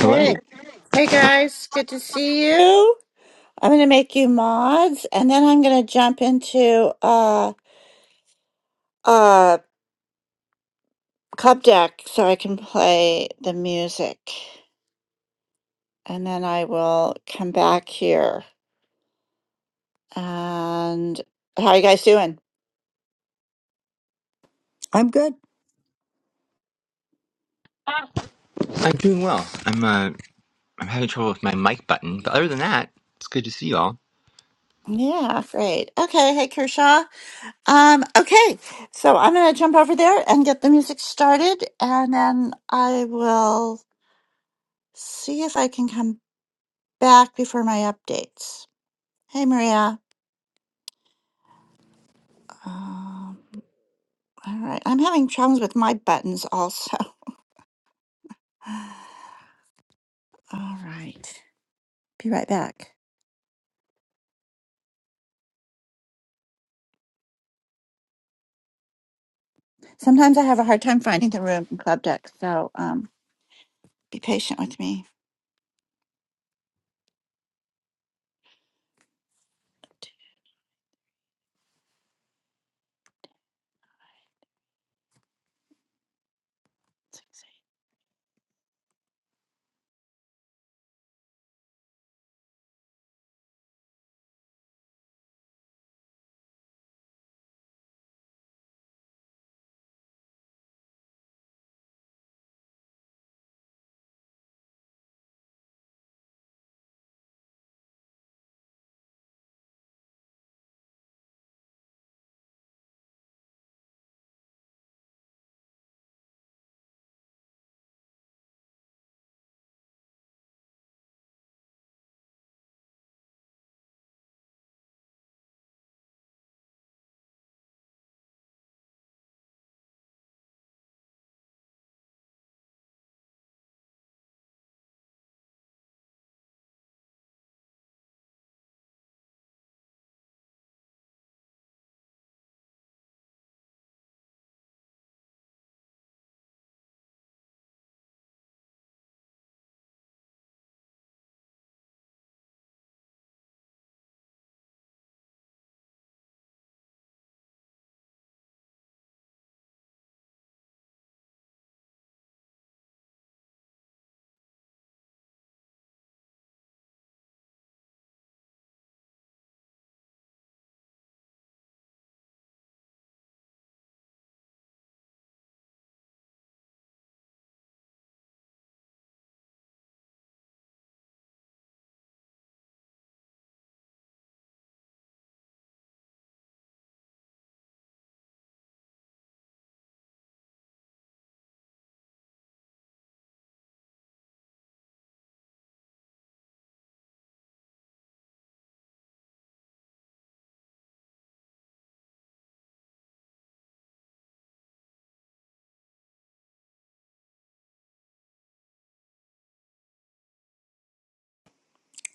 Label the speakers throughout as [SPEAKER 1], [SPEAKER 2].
[SPEAKER 1] Hello.
[SPEAKER 2] I'm good.
[SPEAKER 1] I'm doing well. I'm uh, I'm having trouble with my mic button, but other than that, it's good to see you all.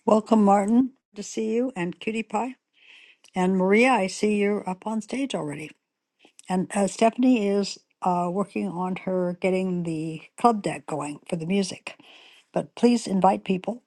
[SPEAKER 2] Welcome, Martin. To see you and Cutie Pie and Maria. I see you're up on stage already. And uh, Stephanie is uh, working on her getting the club deck going for the music. But please invite people.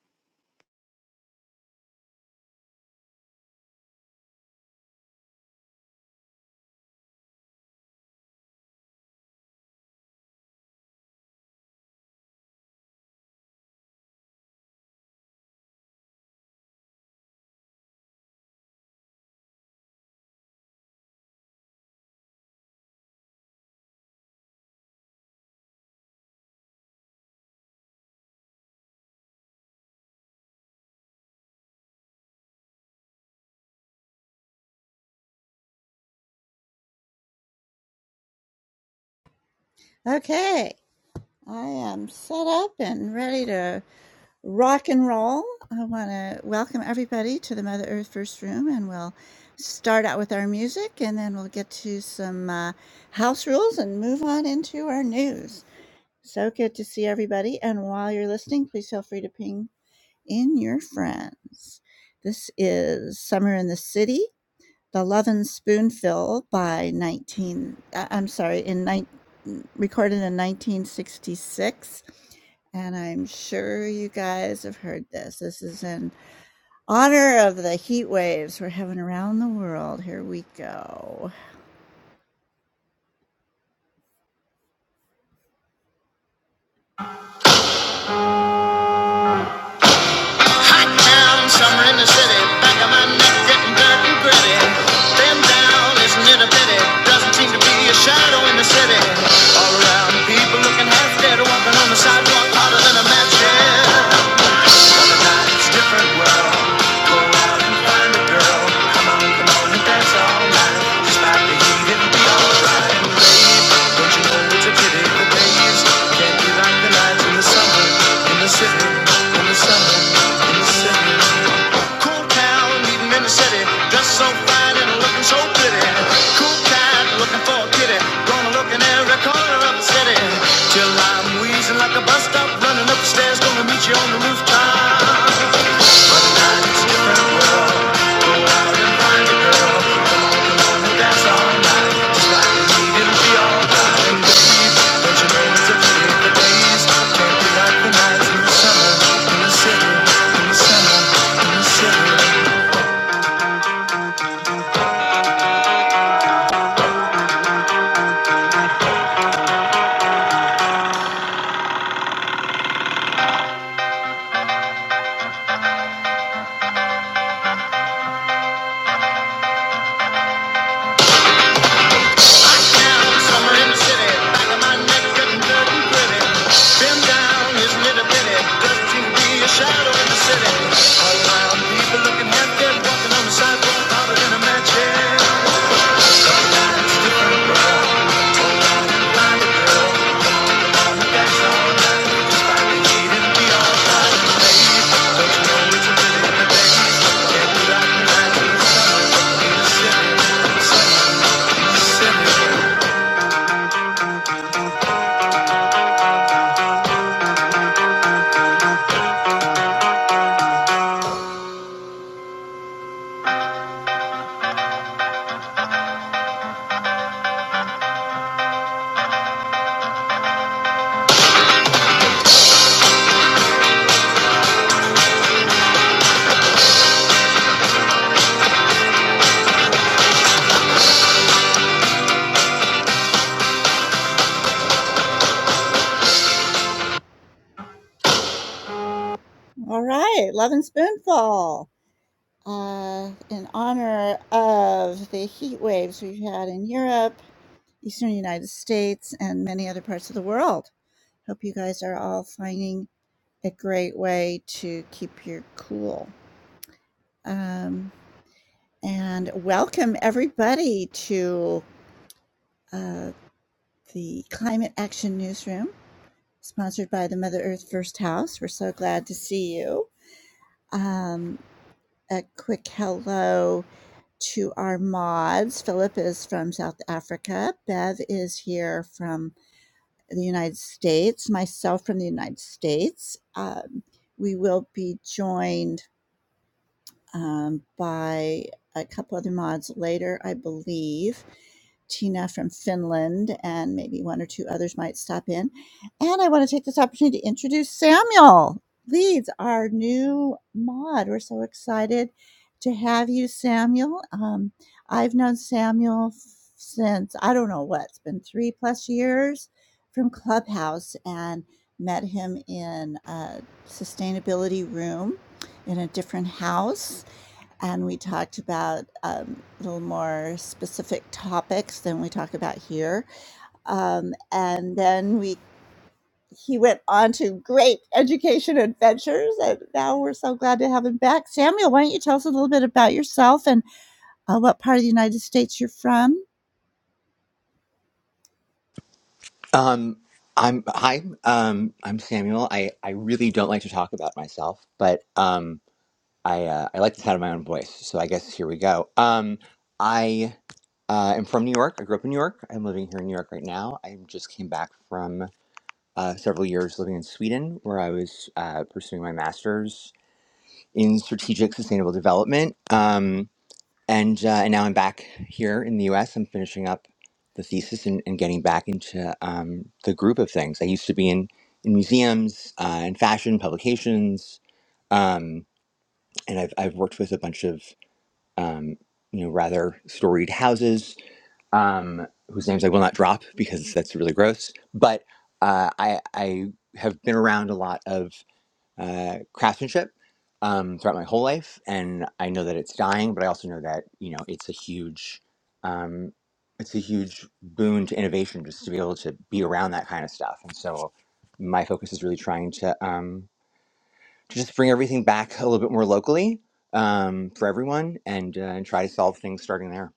[SPEAKER 3] Hot town, summer in the city, back of my neck getting dirt and gritty. Bend down, isn't it a pity? Doesn't seem to be a shadow in the city. All around, people looking half dead, walking on the sidewalk hotter than a match head. Other nights, different world. Go out and find a girl. Come on, come on and dance all night. Despite the heat, it'll be alright. And babe, don't you know it's a pity the days can't be like the nights in the summer, in the city, in the summer. Cool town, meeting in the city, dressed so fine and looking so pretty. Cool cat, looking for a kitty, gonna look in every corner of the city. Till I'm wheezing like a bus stop, running up the stairs, gonna meet you on the rooftop. But now it's a different world. Go out and find a girl. That's alright. It's like we need to be all darling, Don't you know it's a pity the days can't be like the nights in the summer, in the city, in the summer, in the city. I found summer in the city, back of my neck getting dirty gritty. Been down, isn't it a pity? Just to be a shadow in the city. around, people looking half dead, walking on the sidewalk, hotter than a match. Yeah, life's different, girl. Find a girl, that's alright.
[SPEAKER 1] Um, I'm hi. Um, I'm Samuel. I I really don't like to talk about myself, but um, I uh, I like the sound of my own voice. So I guess here we go. Um, I uh, am from New York. I grew up in New York. I'm living here in New York right now. I just came back from uh, several years living in Sweden, where I was uh, pursuing my master's in strategic sustainable development. Um, and uh, and now I'm back here in the U.S. I'm finishing up the thesis and, and getting back into um, the group of things. I used to be in in museums, uh, in fashion publications, um, and I've I've worked with a bunch of um, you know rather storied houses um, whose names I will not drop because that's really gross. But uh, I I have been around a lot of uh, craftsmanship um, throughout my whole life, and I know that it's dying, but I also know that you know it's a huge, um, it's a huge boon to innovation just to be able to be around that kind of stuff. And so, my focus is really trying to um, to just bring everything back a little bit more locally um, for everyone, and uh, and try to solve things starting there.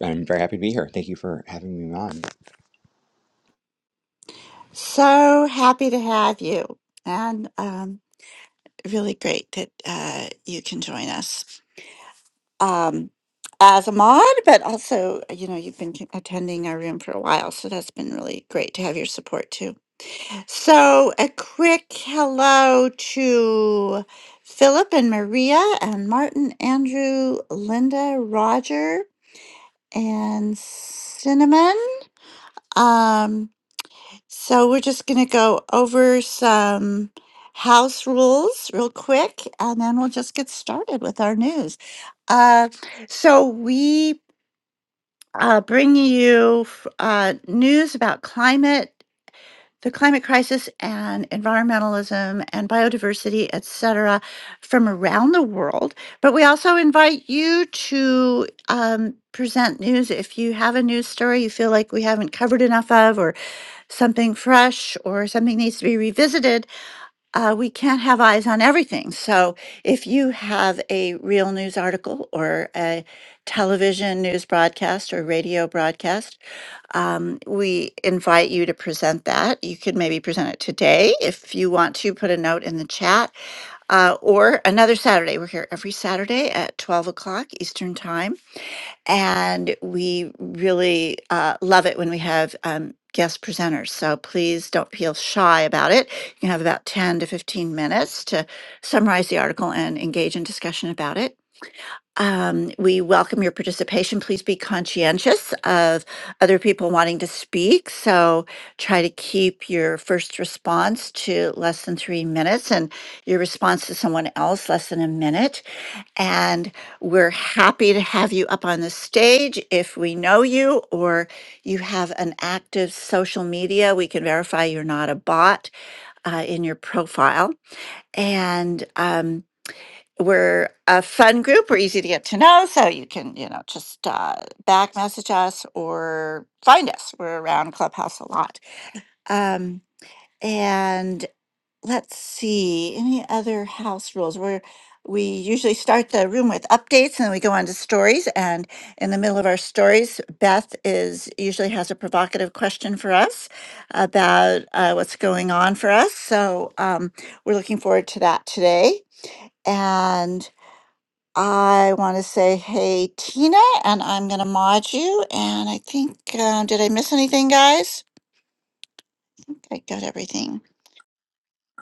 [SPEAKER 1] I'm very happy to be here. Thank you for having me on.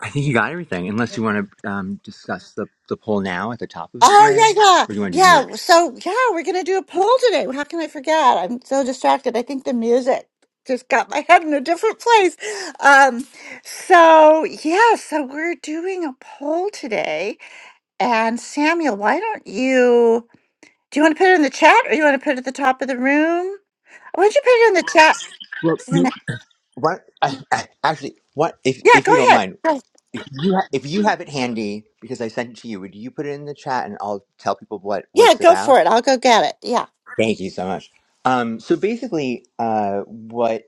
[SPEAKER 1] I think you got everything, unless you want to um, discuss the, the poll now at the top of the, or do you want to do the? Well, What? I, I, actually, what if if you don't mind, you ha- if you have it handy because I sent it to you, would you put it in the chat and I'll tell people what what it's about? Thank you so much. Um, so basically, uh, what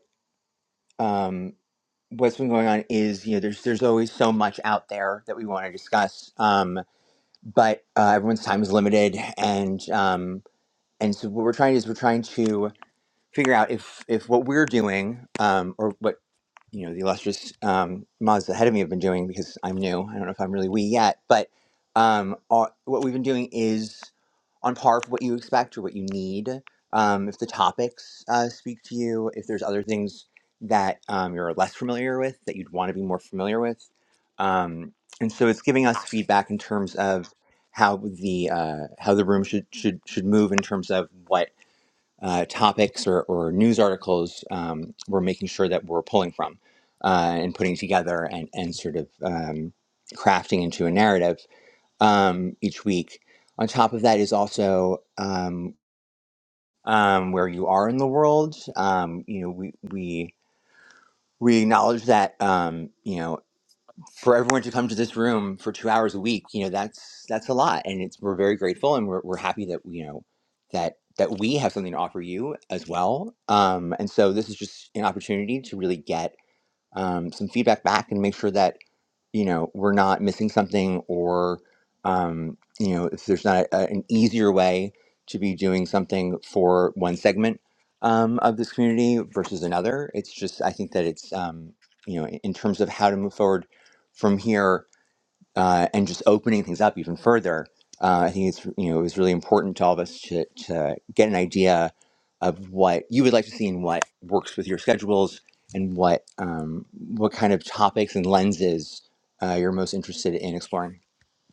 [SPEAKER 1] um what's been going on is you know there's there's always so much out there that we want to discuss, um, but uh, everyone's time is limited, and um, and so what we're trying to do is we're trying to figure out if if what we're doing um, or what you know the illustrious um, mods ahead of me have been doing because I'm new. I don't know if I'm really we yet, but um, our, what we've been doing is on par for what you expect or what you need. Um, if the topics uh, speak to you, if there's other things that um, you're less familiar with that you'd want to be more familiar with, um, and so it's giving us feedback in terms of how the uh, how the room should should should move in terms of what uh, topics or, or news articles um, we're making sure that we're pulling from uh, and putting together and, and sort of um, crafting into a narrative um, each week. On top of that is also um, um, where you are in the world. Um, you know, we, we we acknowledge that um, you know for everyone to come to this room for two hours a week, you know, that's that's a lot, and it's we're very grateful, and we're we're happy that you know that that we have something to offer you as well. Um, and so this is just an opportunity to really get um, some feedback back and make sure that you know we're not missing something or um, you know if there's not a, an easier way to be doing something for one segment um, of this community versus another it's just i think that it's um, you know in terms of how to move forward from here uh, and just opening things up even further. Uh, I think it's you know it was really important to all of us to, to get an idea of what you would like to see and what works with your schedules and what um, what kind of topics and lenses uh, you're most interested in exploring.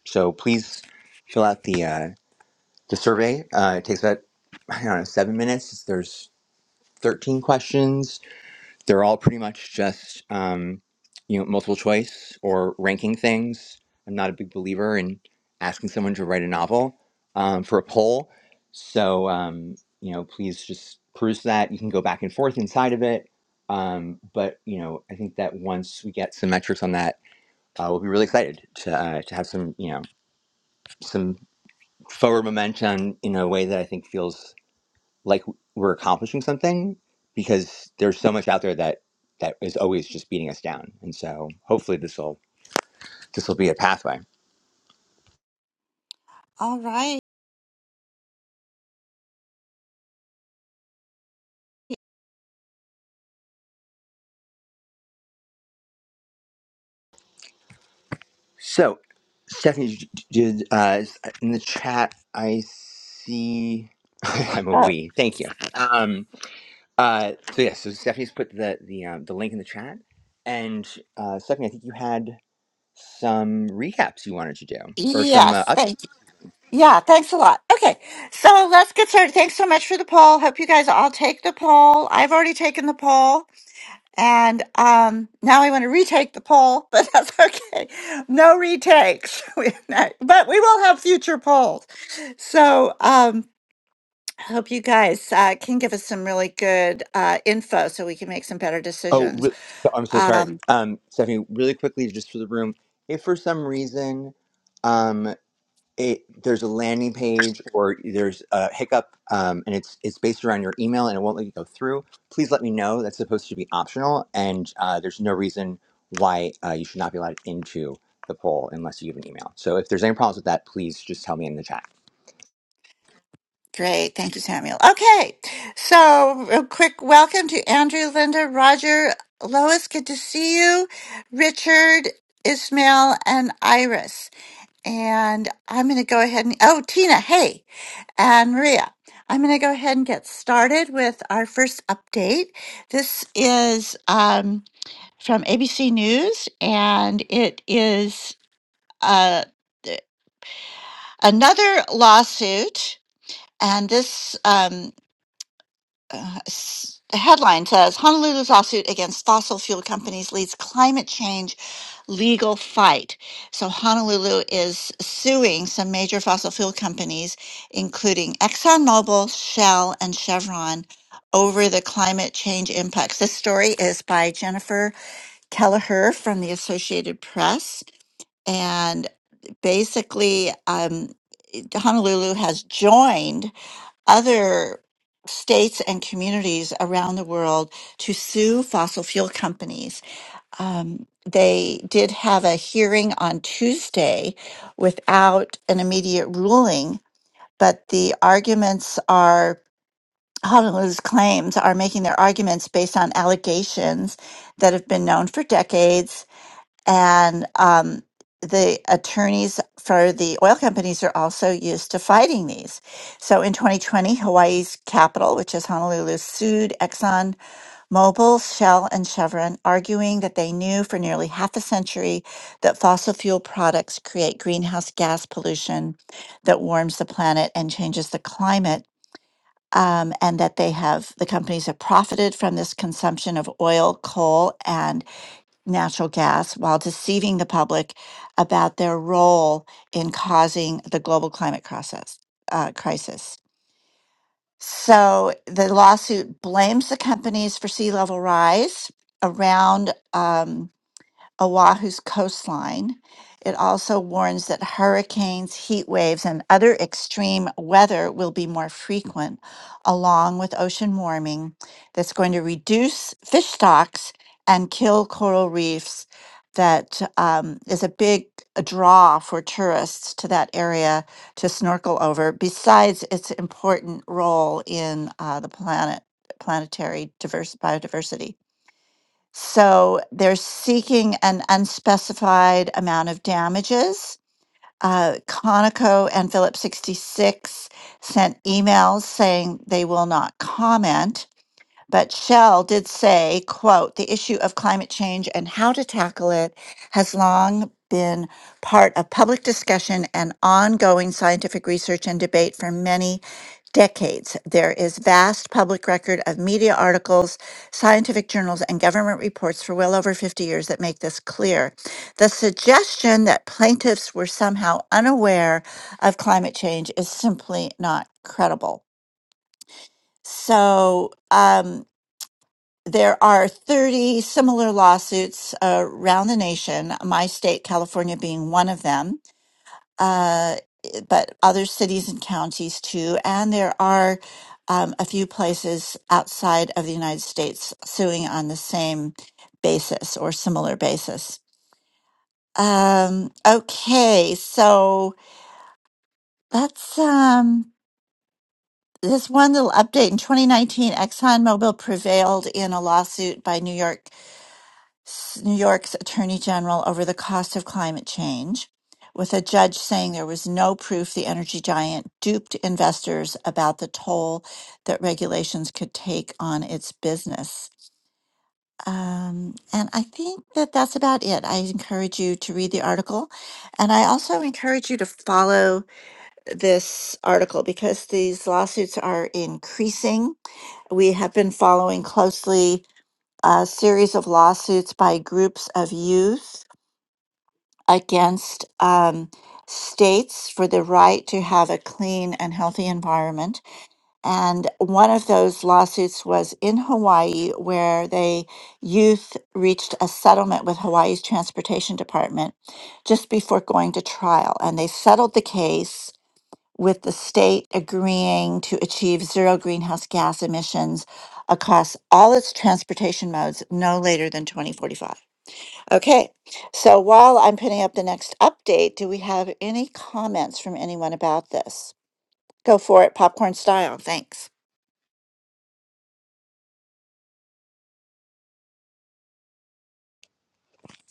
[SPEAKER 1] So please fill out the uh, the survey. Uh, it takes about I don't know seven minutes. There's 13 questions they're all pretty much just um, you know multiple choice or ranking things. I'm not a big believer in asking someone to write a novel um, for a poll, so um, you know please just peruse that. You can go back and forth inside of it, um, but you know I think that once we get some metrics on that, uh, we'll be really excited to uh, to have some you know some forward momentum in a way that I think feels like we're accomplishing something because there's so much out there that that is always just beating us down. And so hopefully this will this will be a pathway. So Stephanie d- d- did uh, is- in the chat I see I'm a we. Thank you. Um, uh, so yeah, so Stephanie's put the the um, the link in the chat, and uh, Stephanie, I think you had some recaps you wanted to do or some uh, Oh, re- so, I'm so sorry. Um, Stephanie, really quickly, just for the room, if for some reason um, it, there's a landing page or there's a hiccup um, and it's it's based around your email and it won't let you go through, please let me know. That's supposed to be optional, and uh, there's no reason why uh, you should not be allowed into the poll unless you give an email. So if there's any problems with that, please just tell me in the chat.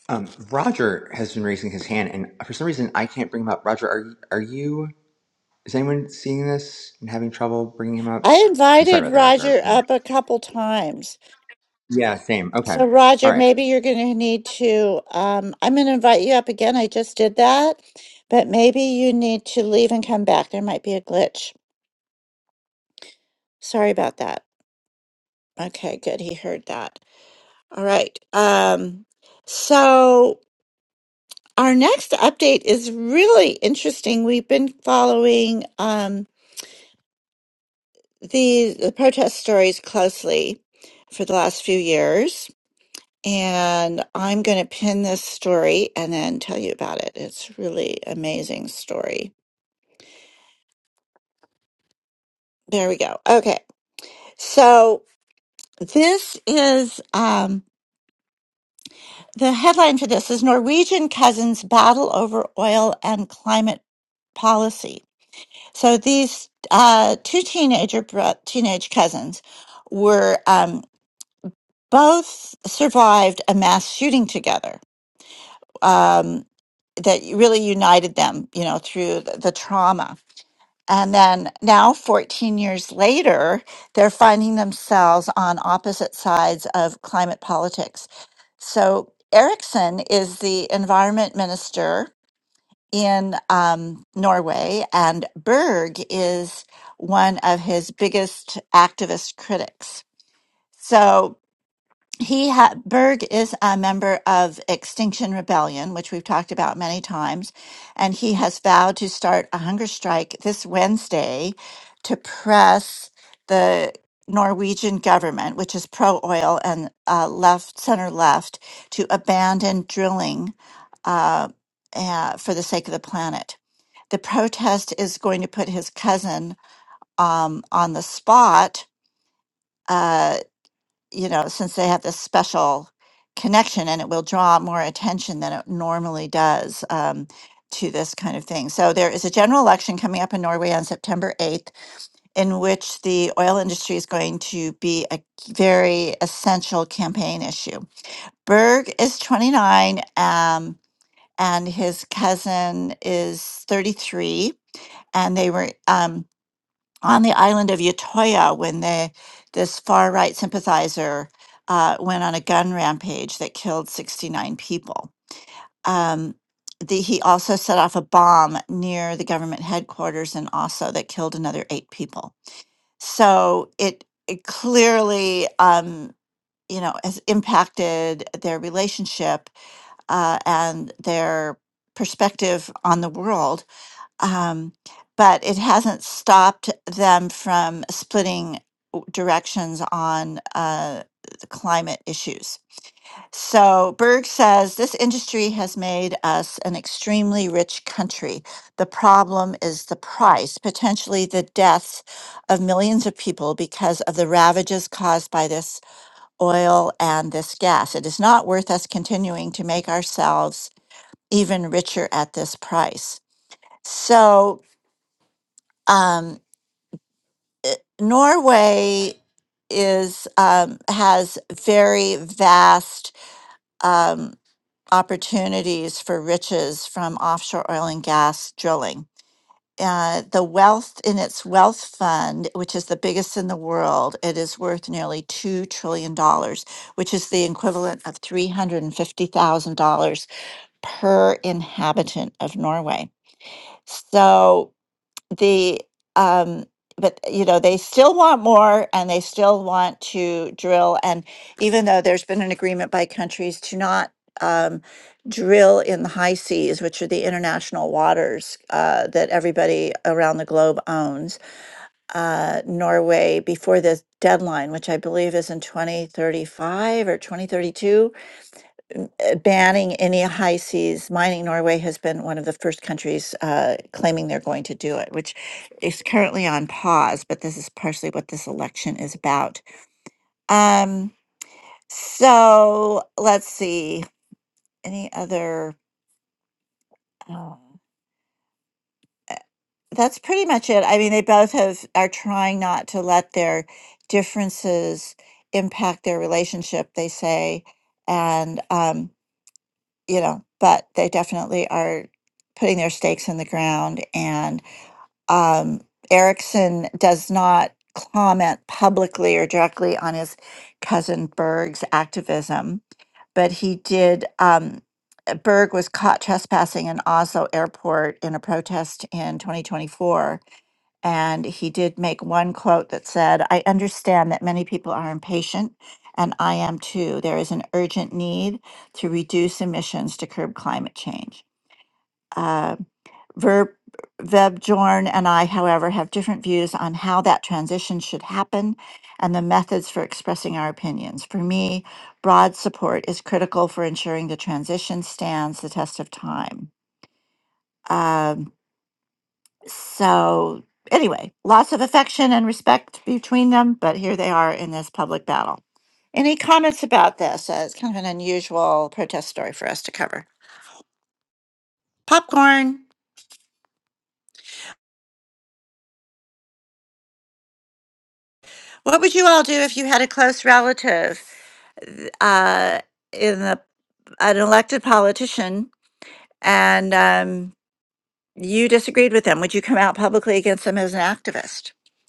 [SPEAKER 1] Um, Roger has been raising his hand, and for some reason I can't bring him up. Roger, are are you? Is anyone seeing this and having trouble bringing him up? I'm sorry about that, Roger. Yeah, same. Okay. All right.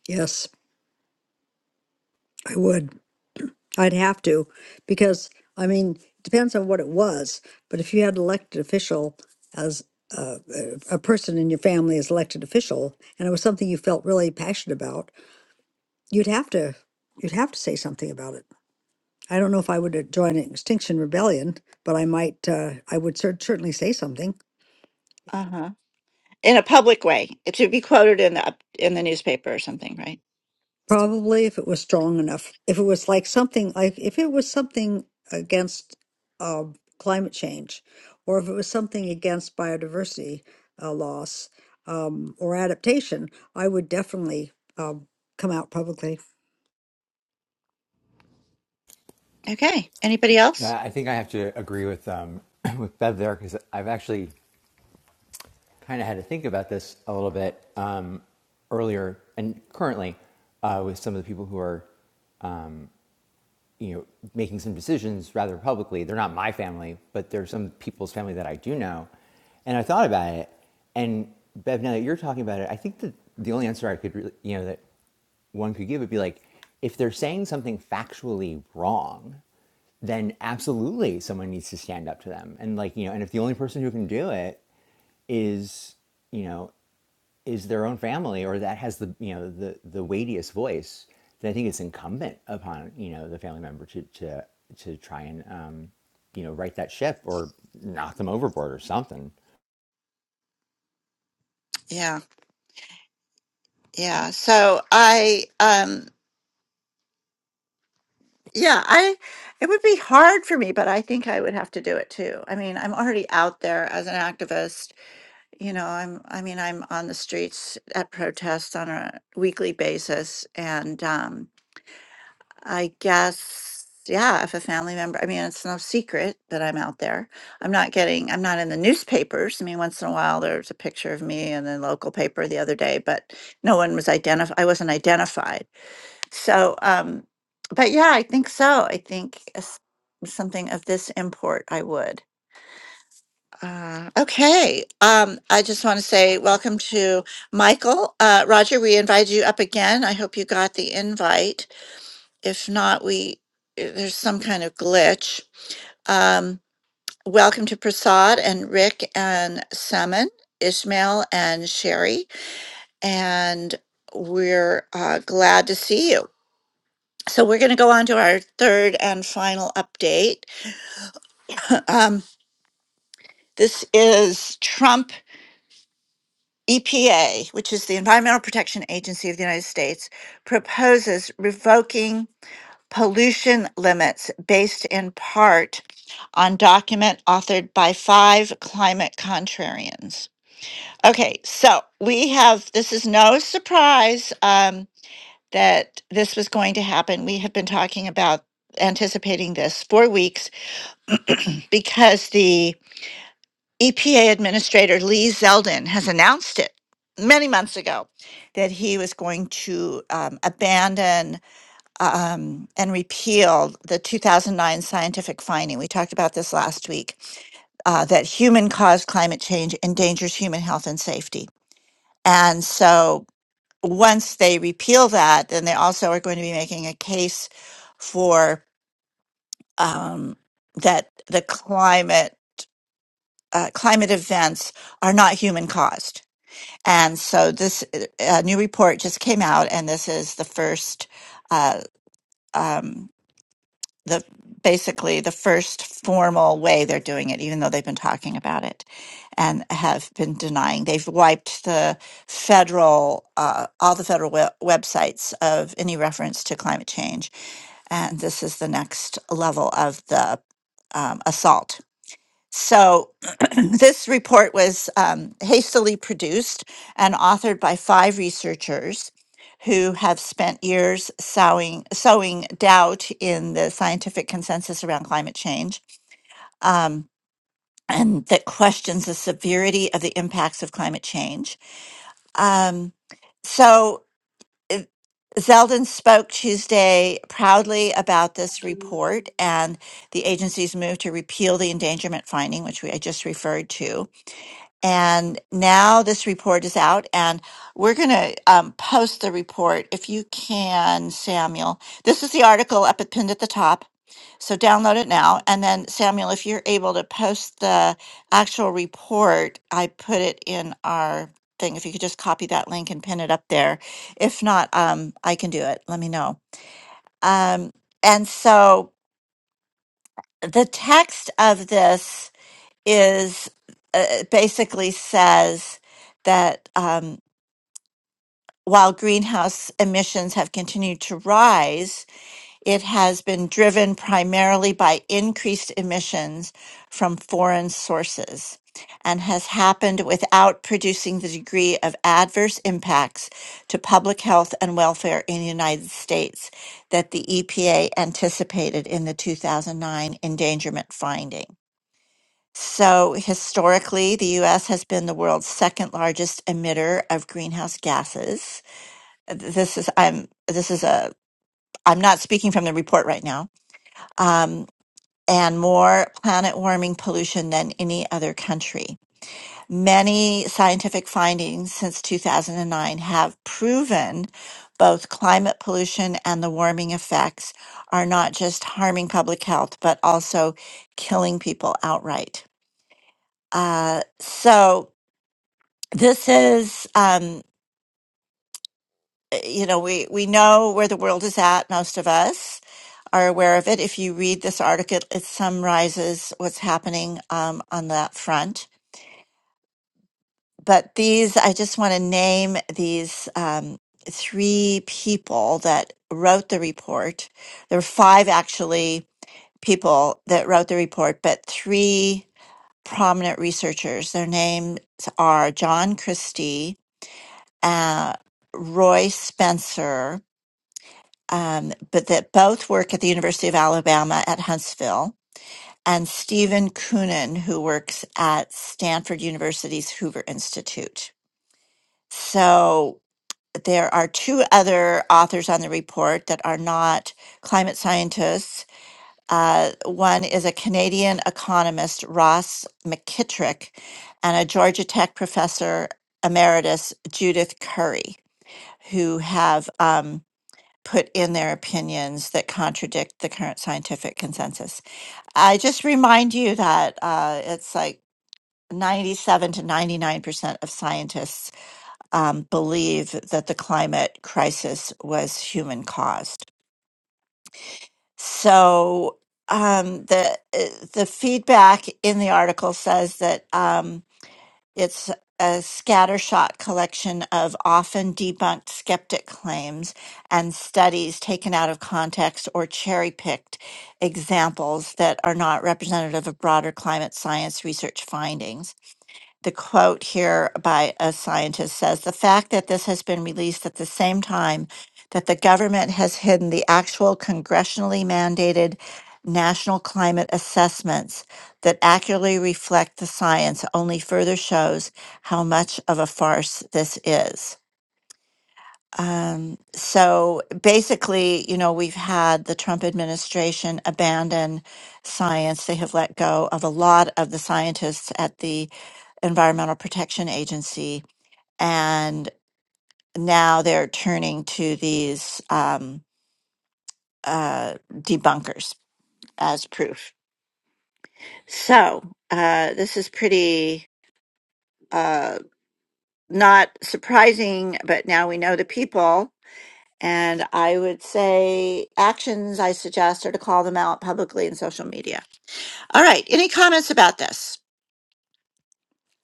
[SPEAKER 2] Yes, I would. I'd have to because I mean, it depends on what it was. But if you had elected official as uh, a a person in your family as elected official, and it was something you felt really passionate about, you'd have to you'd have to say something about it. I don't know if I would uh, join an Extinction Rebellion, but I might, uh, I would cer- certainly say something. Probably if it was strong enough. If it was like something, like if it was something against uh, climate change, or if it was something against biodiversity uh, loss um, or adaptation, I would definitely um, come out publicly.
[SPEAKER 1] Yeah, I think I have to agree with um, with Bev there because I've actually kind of had to think about this a little bit um, earlier and currently uh, with some of the people who are you know making some decisions rather publicly. They're not my family, but they're some people's family that I do know, and I thought about it. And Bev, now that you're talking about it, I think that the only answer I could really you know that one could give would be like if they're saying something factually wrong then absolutely someone needs to stand up to them and like you know and if the only person who can do it is you know is their own family or that has the you know the the weightiest voice then i think it's incumbent upon you know the family member to to to try and um you know right that ship or knock them overboard or something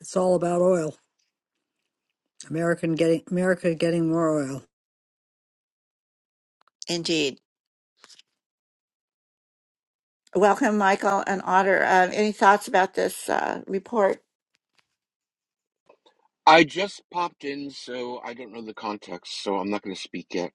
[SPEAKER 2] It's all about oil. American getting America getting more oil.
[SPEAKER 4] I just popped in, so I don't know the context, so I'm not going to speak yet.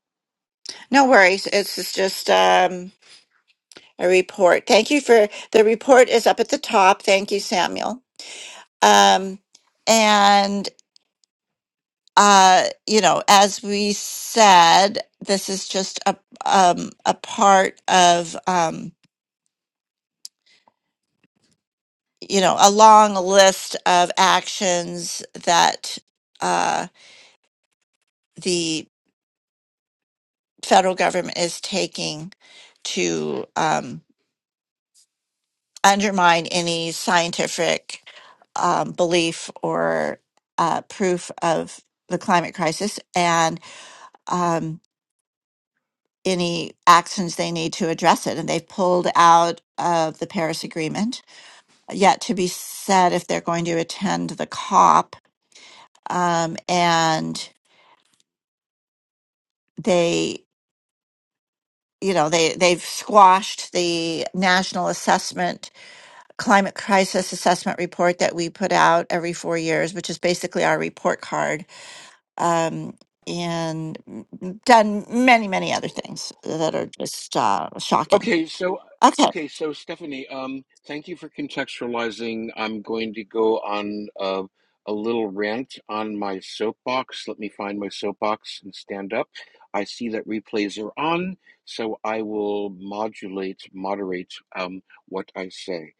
[SPEAKER 4] Okay, so okay, so Stephanie, um, thank you for contextualizing. I'm going to go on uh, a little rant on my soapbox. Let me find my soapbox and stand up. I see that replays are on, so I will modulate, moderate um, what I say.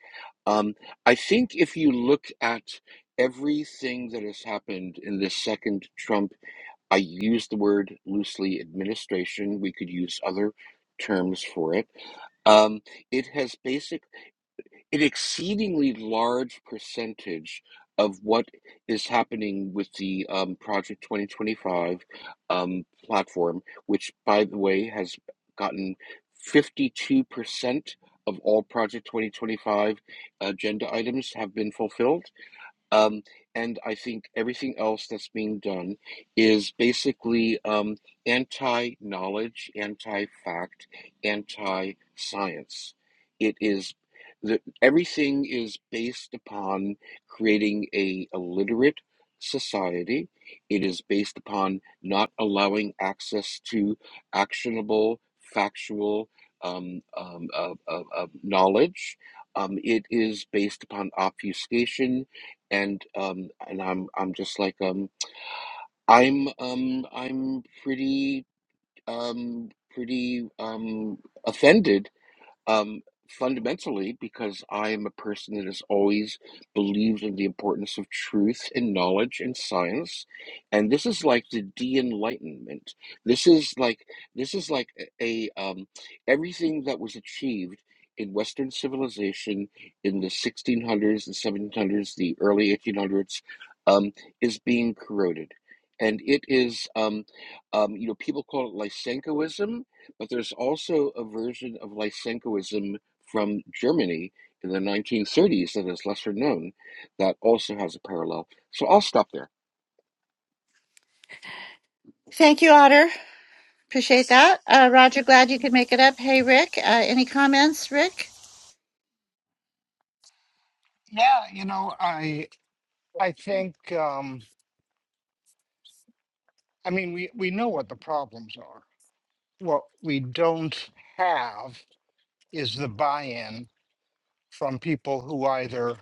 [SPEAKER 4] Um, I think if you look at everything that has happened in the second Trump I use the word loosely administration. We could use other terms for it. Um, it has basic, an exceedingly large percentage of what is happening with the um, Project 2025 um, platform, which, by the way, has gotten 52% of all Project 2025 agenda items have been fulfilled um, and I think everything else that's being done is basically um, anti knowledge, anti fact, anti science. It is the, everything is based upon creating a illiterate society. It is based upon not allowing access to actionable, factual um, um, uh, uh, uh, knowledge. Um, it is based upon obfuscation and um and I'm I'm just like um I'm um I'm pretty um pretty um offended um, fundamentally because I am a person that has always believed in the importance of truth and knowledge and science, and this is like the de-enlightenment. This is like this is like a, um, everything that was achieved in Western civilization in the 1600s, the 1700s, the early 1800s um, is being corroded. And it is, um, um, you know, people call it Lysenkoism, but there's also a version of Lysenkoism from Germany in the 1930s that is lesser known that also has a parallel. So I'll stop there.
[SPEAKER 5] Yeah, you know, I I think um I mean we we know what the problems are. What we don't have is the buy-in from people who either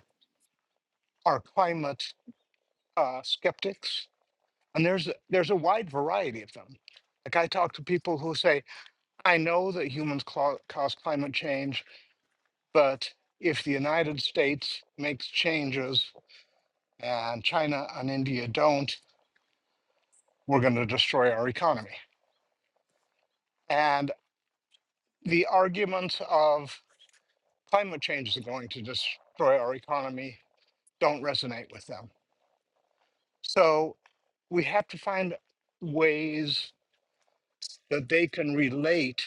[SPEAKER 5] are climate uh skeptics and there's a- there's a wide variety of them. Like I talk to people who say, "I know that humans cla- cause climate change, but if the United States makes changes and China and India don't, we're going to destroy our economy." and the arguments of climate change is going to destroy our economy don't resonate with them. So we have to find ways that they can relate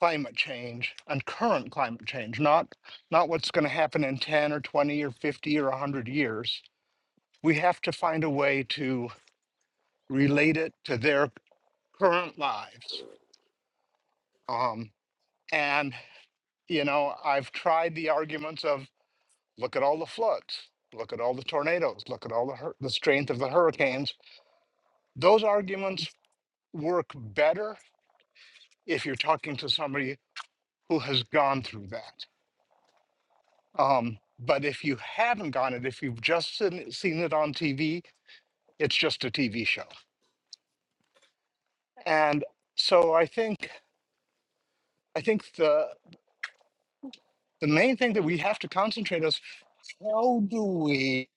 [SPEAKER 5] climate change and current climate change, not not what's going to happen in 10 or 20 or 50 or 100 years. We have to find a way to relate it to their current lives. Um, and you know, I've tried the arguments of Look at all the floods. Look at all the tornadoes. Look at all the, hur- the strength of the hurricanes. Those arguments work better if you're talking to somebody who has gone through that. Um, but if you haven't gone it, if you've just seen, it- seen it on TV, it's just a TV show. And so I think I think the the main thing that we have to concentrate is how do we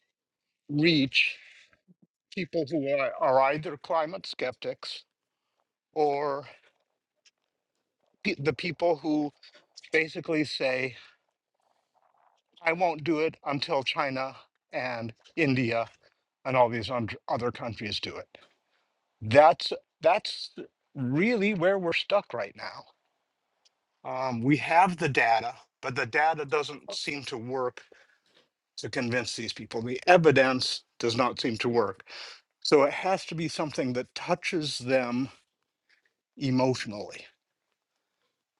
[SPEAKER 5] reach people who are, are either climate skeptics or. pe- the people who basically say, I won't do it until China and India and all these und- other countries do it. That's that's really where we're stuck right now. Um, we have the data, but the data doesn't seem to work to convince these people. The evidence does not seem to work. So it has to be something that touches them emotionally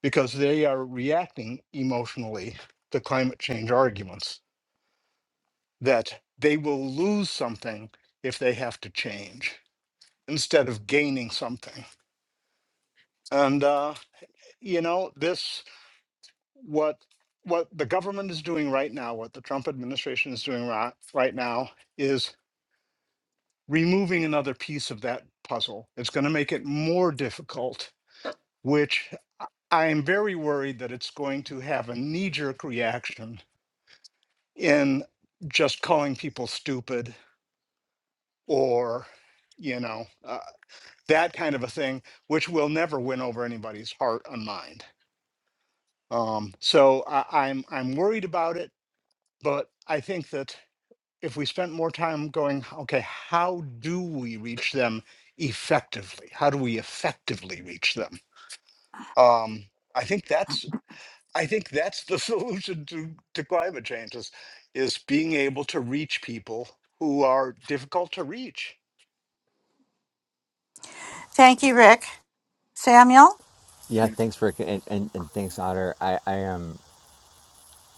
[SPEAKER 5] because they are reacting emotionally to climate change arguments that they will lose something if they have to change instead of gaining something. And uh, you know, this what what the government is doing right now, what the Trump administration is doing right, right now is removing another piece of that puzzle. It's going to make it more difficult, which I I am very worried that it's going to have a knee jerk reaction in just calling people stupid or, you know. uh, that kind of a thing, which will never win over anybody's heart and mind. Um, so I, I'm I'm worried about it, but I think that if we spent more time going, okay, how do we reach them effectively? How do we effectively reach them? Um, I think that's I think that's the solution to, to climate change is, is being able to reach people who are difficult to reach.
[SPEAKER 1] yeah thanks rick and and, and thanks otter i i am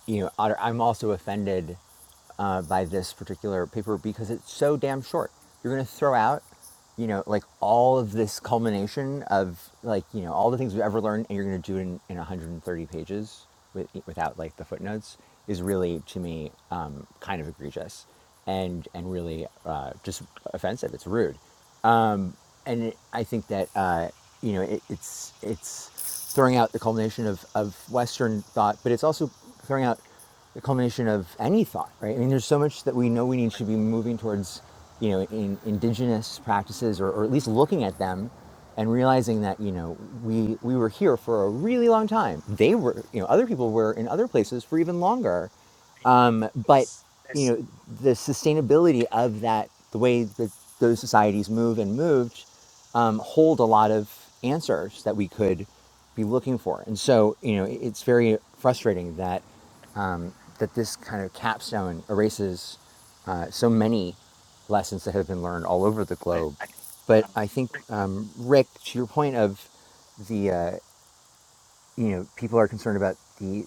[SPEAKER 1] you know, I'm also offended uh, by this particular paper because it's so damn short. You're going to throw out, you know, like all of this culmination of like, you know, all the things we've ever learned and you're going to do it in, in 130 pages with, without like the footnotes is really, to me, um, kind of egregious and, and really uh, just offensive. It's rude. Um, and it, I think that, uh, you know, it, it's, it's, throwing out the culmination of, of Western thought, but it's also throwing out the culmination of any thought, right? I mean, there's so much that we know we need to be moving towards, you know, in indigenous practices or, or at least looking at them and realizing that, you know, we, we were here for a really long time. They were, you know, other people were in other places for even longer but you know the sustainability of that the way that those societies move and moved um, hold a lot of answers that we could be looking for and so you know it's very frustrating that um, that this kind of capstone erases uh, so many lessons that have been learned all over the globe but i think um, rick to your point of the uh, you know people are concerned about the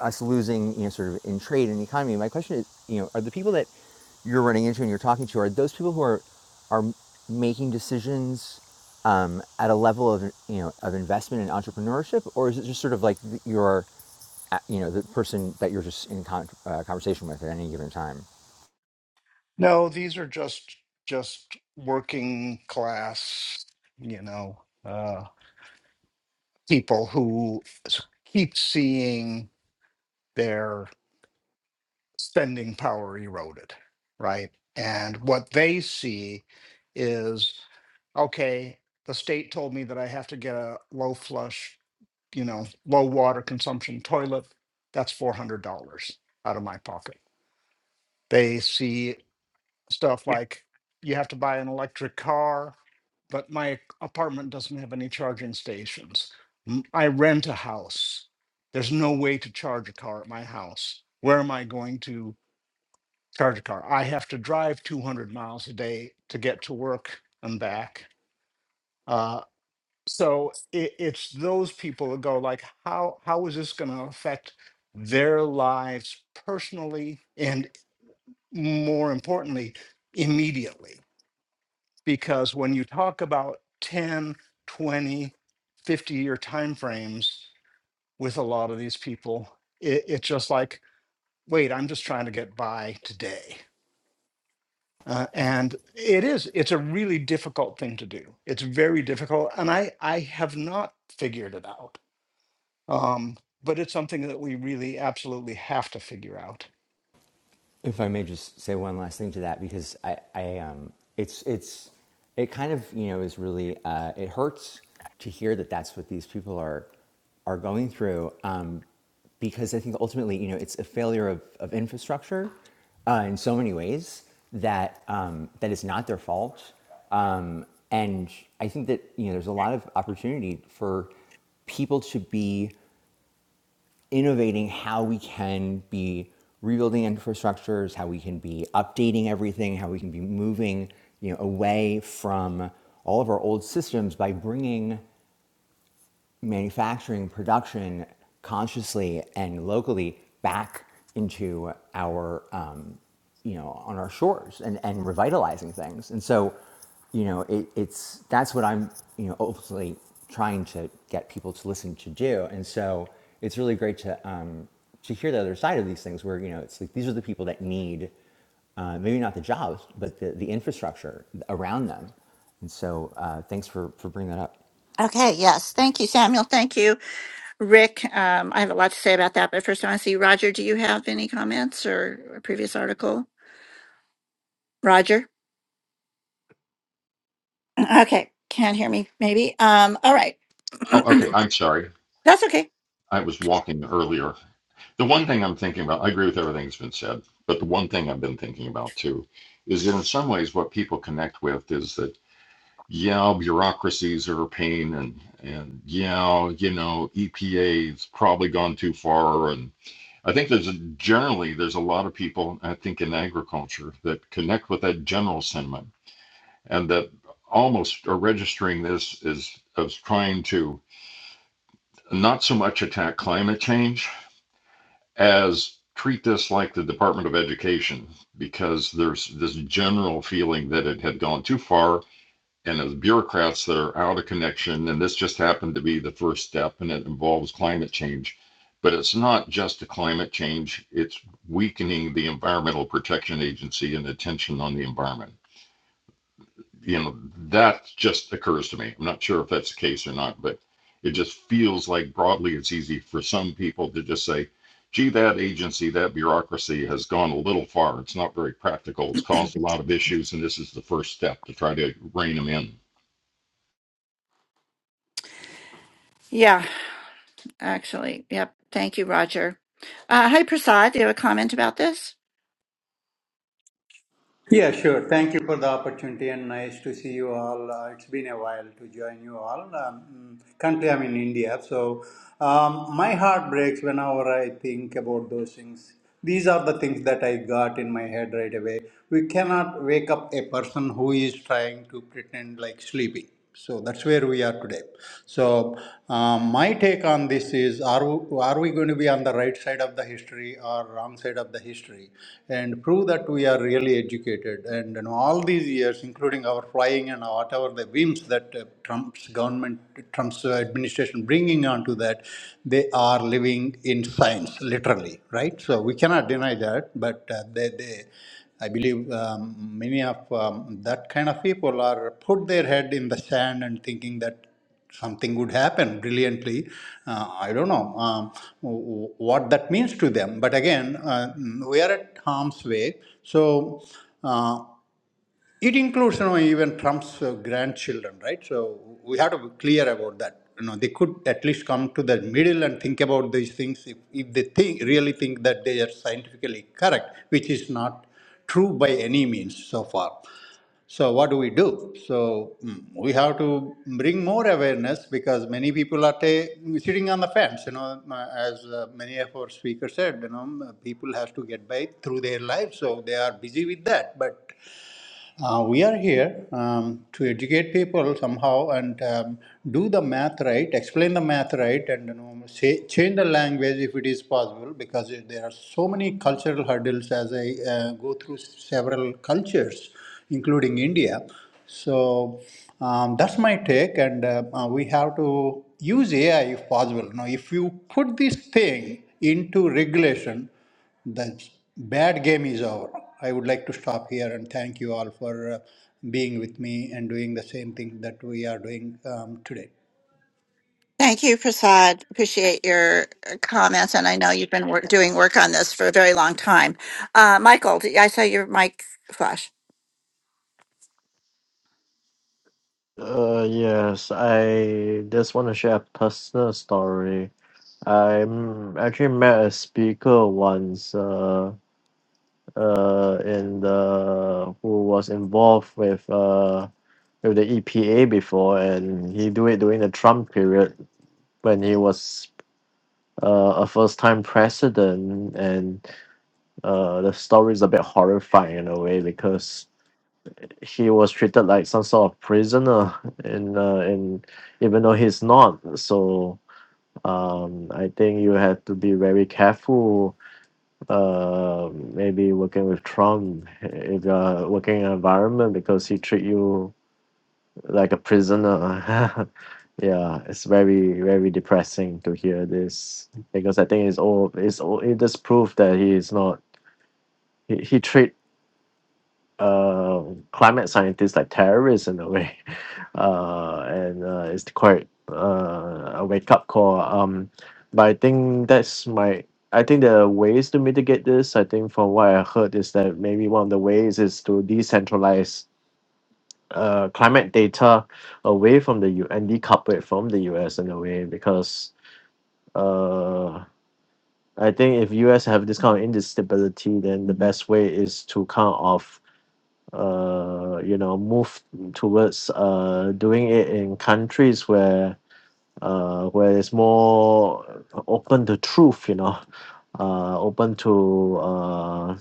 [SPEAKER 1] us losing, you know, sort of in trade and economy. My question is, you know, are the people that you're running into and you're talking to are those people who are are making decisions um, at a level of you know of investment and entrepreneurship, or is it just sort of like your uh, you know the person that you're just in con- uh, conversation with at any given time?
[SPEAKER 5] No, these are just just working class, you know, uh, people who s- keep seeing their spending power eroded, right? And what they see is, okay, the state told me that I have to get a low flush, you know, low water consumption toilet. That's four hundred dollars out of my pocket. They see stuff like you have to buy an electric car, but my apartment doesn't have any charging stations. M- I rent a house. There's no way to charge a car at my house. Where am I going to charge a car? I have to drive 200 miles a day to get to work and back. Uh, so it, it's those people that go like, how how is this going to affect their lives personally and more importantly, immediately? because when you talk about ten, twenty, fifty year timeframes with a lot of these people it, it's just like wait i'm just trying to get by today Uh,
[SPEAKER 1] I
[SPEAKER 5] and it is it's a really difficult thing to do it's very difficult and i i have not figured it out um, but it's something that we really absolutely have to figure out
[SPEAKER 1] If I may just say one last thing to that, because I, I um, it's, it's, it kind of, you know, is really, uh, it hurts to hear that that's what these people are, are going through, um, because I think ultimately, you know, it's a failure of, of infrastructure uh, in so many ways that um, that is not their fault, um, and I think that you know, there's a lot of opportunity for people to be innovating how we can be rebuilding infrastructures, how we can be updating everything, how we can be moving you know, away from all of our old systems by bringing manufacturing production consciously and locally back into our um, you know on our shores and and revitalizing things and so you know it, it's that's what i'm you know ultimately trying to get people to listen to do and so it's really great to um, to hear the other side of these things where you know it's like these are the people that need uh, maybe not the jobs but the, the infrastructure around them and so uh, thanks for for bringing that
[SPEAKER 6] Oh, okay. I'm sorry. I was walking earlier. The one thing I'm thinking about, I agree with everything that's been said, but the one thing I've been thinking about too is that in some ways what people connect with is that, yeah, bureaucracies are a pain and and yeah, you know, EPA's probably gone too far and I think there's a, generally there's a lot of people I think in agriculture that connect with that general sentiment and that almost are registering this as as trying to not so much attack climate change as treat this like the Department of Education because there's this general feeling that it had gone too far and as bureaucrats that are out of connection and this just happened to be the first step and it involves climate change but it's not just a climate change it's weakening the environmental protection agency and attention on the environment you know, that just occurs to me. I'm not sure if that's the case or not, but it just feels like broadly it's easy for some people to just say, gee, that agency, that bureaucracy has gone a little far. It's not very practical. It's caused a lot of issues, and this is the first step to try to rein them in.
[SPEAKER 7] Yeah, sure. Thank you for the opportunity and nice to see you all. Uh, it's been a while to join you all. Um, mm, currently, I'm in India, so um, my heart breaks whenever I think about those things. These are the things that I got in my head right away. We cannot wake up a person who is trying to pretend like sleeping. So that's where we are today. So um, my take on this is: Are w- are we going to be on the right side of the history or wrong side of the history, and prove that we are really educated? And in all these years, including our flying and whatever the whims that uh, Trump's government, Trump's uh, administration bringing onto that, they are living in science, literally, right? So we cannot deny that, but uh, they they I believe um, many of um, that kind of people are put their head in the sand and thinking that something would happen brilliantly. Uh, I don't know um, w- what that means to them. But again, uh, we are at harm's way. So. Uh, it includes, you know, even Trump's uh, grandchildren, right? So we have to be clear about that. You know, they could at least come to the middle and think about these things if, if they think really think that they are scientifically correct, which is not true by any means so far. So what do we do? So mm, we have to bring more awareness because many people are ta- sitting on the fence. You know, uh, as uh, many of our speakers said, you know, people have to get by through their lives, so they are busy with that. But uh, we are here um, to educate people somehow and um, do the math right, explain the math right, and you know, say, change the language if it is possible because there are so many cultural hurdles as I uh, go through several cultures, including India. So um, that's my take, and uh, uh, we have to use AI if possible. Now, if you put this thing into regulation, the bad game is over. I would like to stop here and thank you all for uh, being with me and doing the same thing that we are doing um, today.
[SPEAKER 8] Uh, yes, I just want to share a personal story. I actually met a speaker once, uh, uh, in the who was involved with uh with the EPA before, and he do it during the Trump period when he was uh, a first time president, and uh, the story is a bit horrifying in a way because he was treated like some sort of prisoner and uh, in even though he's not so um, I think you have to be very careful uh, maybe working with Trump if you're working in an environment because he treat you like a prisoner yeah it's very very depressing to hear this because I think it's all it's all it just proof that he is not he, he treat uh, climate scientists like terrorists in a way, uh, and uh, it's quite uh, a wake up call. Um, but I think that's my. I think there are ways to mitigate this. I think from what I heard is that maybe one of the ways is to decentralize uh, climate data away from the U and decouple it from the U.S. in a way because. Uh, I think if US have this kind of instability, then the best way is to kind of uh, you know, move towards uh, doing it in countries where uh, where it's more open to truth, you know, uh, open to uh,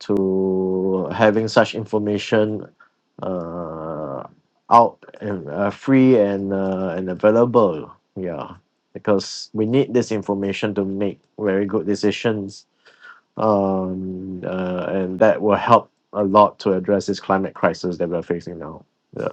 [SPEAKER 8] to having such information uh, out and uh, free and uh, and available. Yeah, because we need this information to make very good decisions um, uh, and that will help a lot to address this climate crisis that we're facing now. Yeah.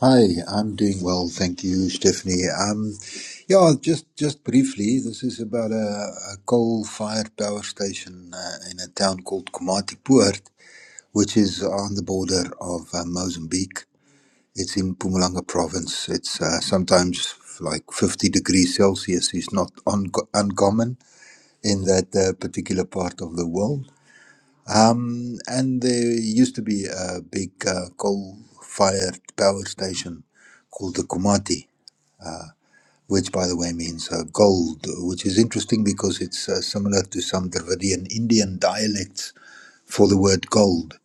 [SPEAKER 9] Hi, I'm doing well, thank you, Stephanie. Um, yeah, just just briefly, this is about a, a coal-fired power station uh, in a town called Komatipoort, which is on the border of uh, Mozambique. It's in Mpumalanga province. It's uh, sometimes like 50 degrees Celsius is not un- uncommon in that uh, particular part of the world. Um, and there used to be a big uh, coal-fired power station called the Kumati, which, by the way, means uh, gold, which is interesting because it's uh, similar to some Dravidian Indian dialects for the word gold.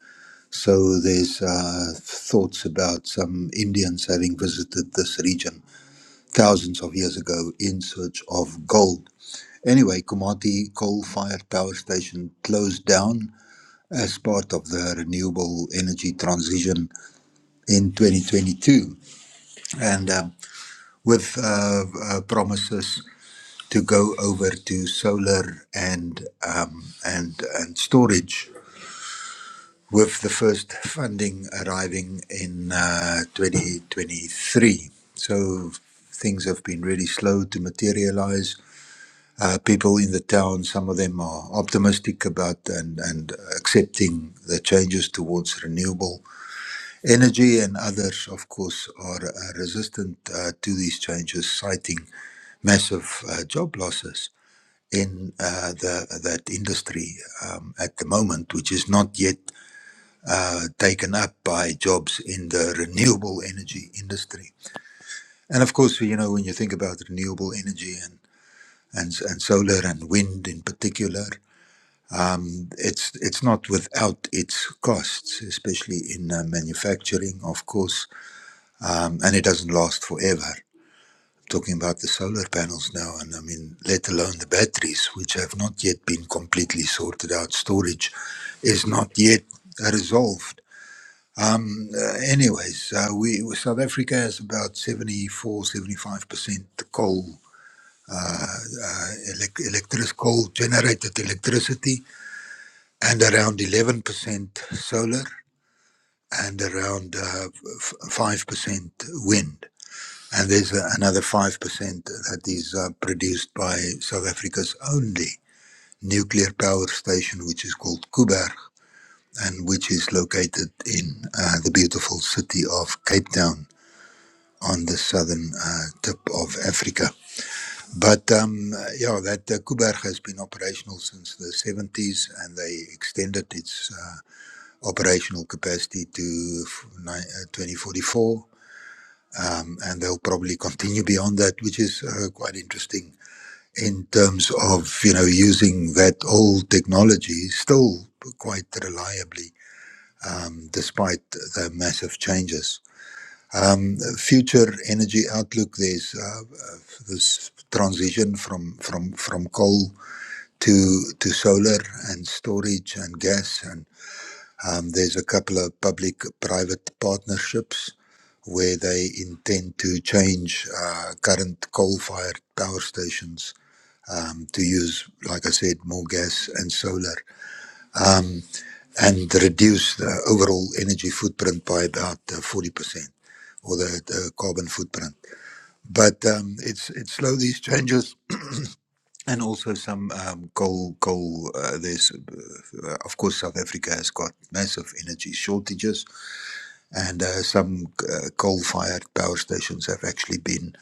[SPEAKER 9] So there's uh, thoughts about some Indians having visited this region thousands of years ago in search of gold. Anyway, Kumati coal-fired power station closed down as part of the renewable energy transition in 2022, and um, with uh, uh, promises to go over to solar and um, and and storage, with the first funding arriving in uh, 2023. So things have been really slow to materialize. Uh, people in the town, some of them are optimistic about and, and accepting the changes towards renewable Energy and others, of course, are uh, resistant uh, to these changes, citing massive uh, job losses in uh, the, that industry um, at the moment, which is not yet uh, taken up by jobs in the renewable energy industry. And of course, you know, when you think about renewable energy and, and, and solar and wind in particular, um, it's it's not without its costs, especially in uh, manufacturing, of course um, and it doesn't last forever. I'm talking about the solar panels now, and I mean, let alone the batteries, which have not yet been completely sorted out. Storage is not yet uh, resolved. Um, uh, anyways, uh, we South Africa has about 74, 75 percent coal, uh, elec- electric coal generated electricity, and around 11 percent solar, and around uh, f- five percent wind And there's uh, another 5% that is uh, produced by South Africa's only nuclear power station, which is called Kuberg, and which is located in uh, the beautiful city of Cape Town on the southern uh, tip of Africa. But um, yeah, that uh, Kuberg has been operational since the 70s and they extended its uh, operational capacity to f- ni- uh, 2044. Um, and they'll probably continue beyond that, which is uh, quite interesting in terms of you know using that old technology still quite reliably um, despite the massive changes. Um, future energy outlook: There's uh, uh, this transition from from from coal to to solar and storage and gas, and um, there's a couple of public-private partnerships where they intend to change uh, current coal-fired power stations to use, like I said, more gas and solar and reduce the overall energy footprint by about uh, 40% or the, the carbon footprint. But um, it's, it's slow, these changes. And also some um, coal. Coal. Uh, there's, uh, of course, South Africa has got massive energy shortages, and uh, some uh, coal-fired power stations have actually been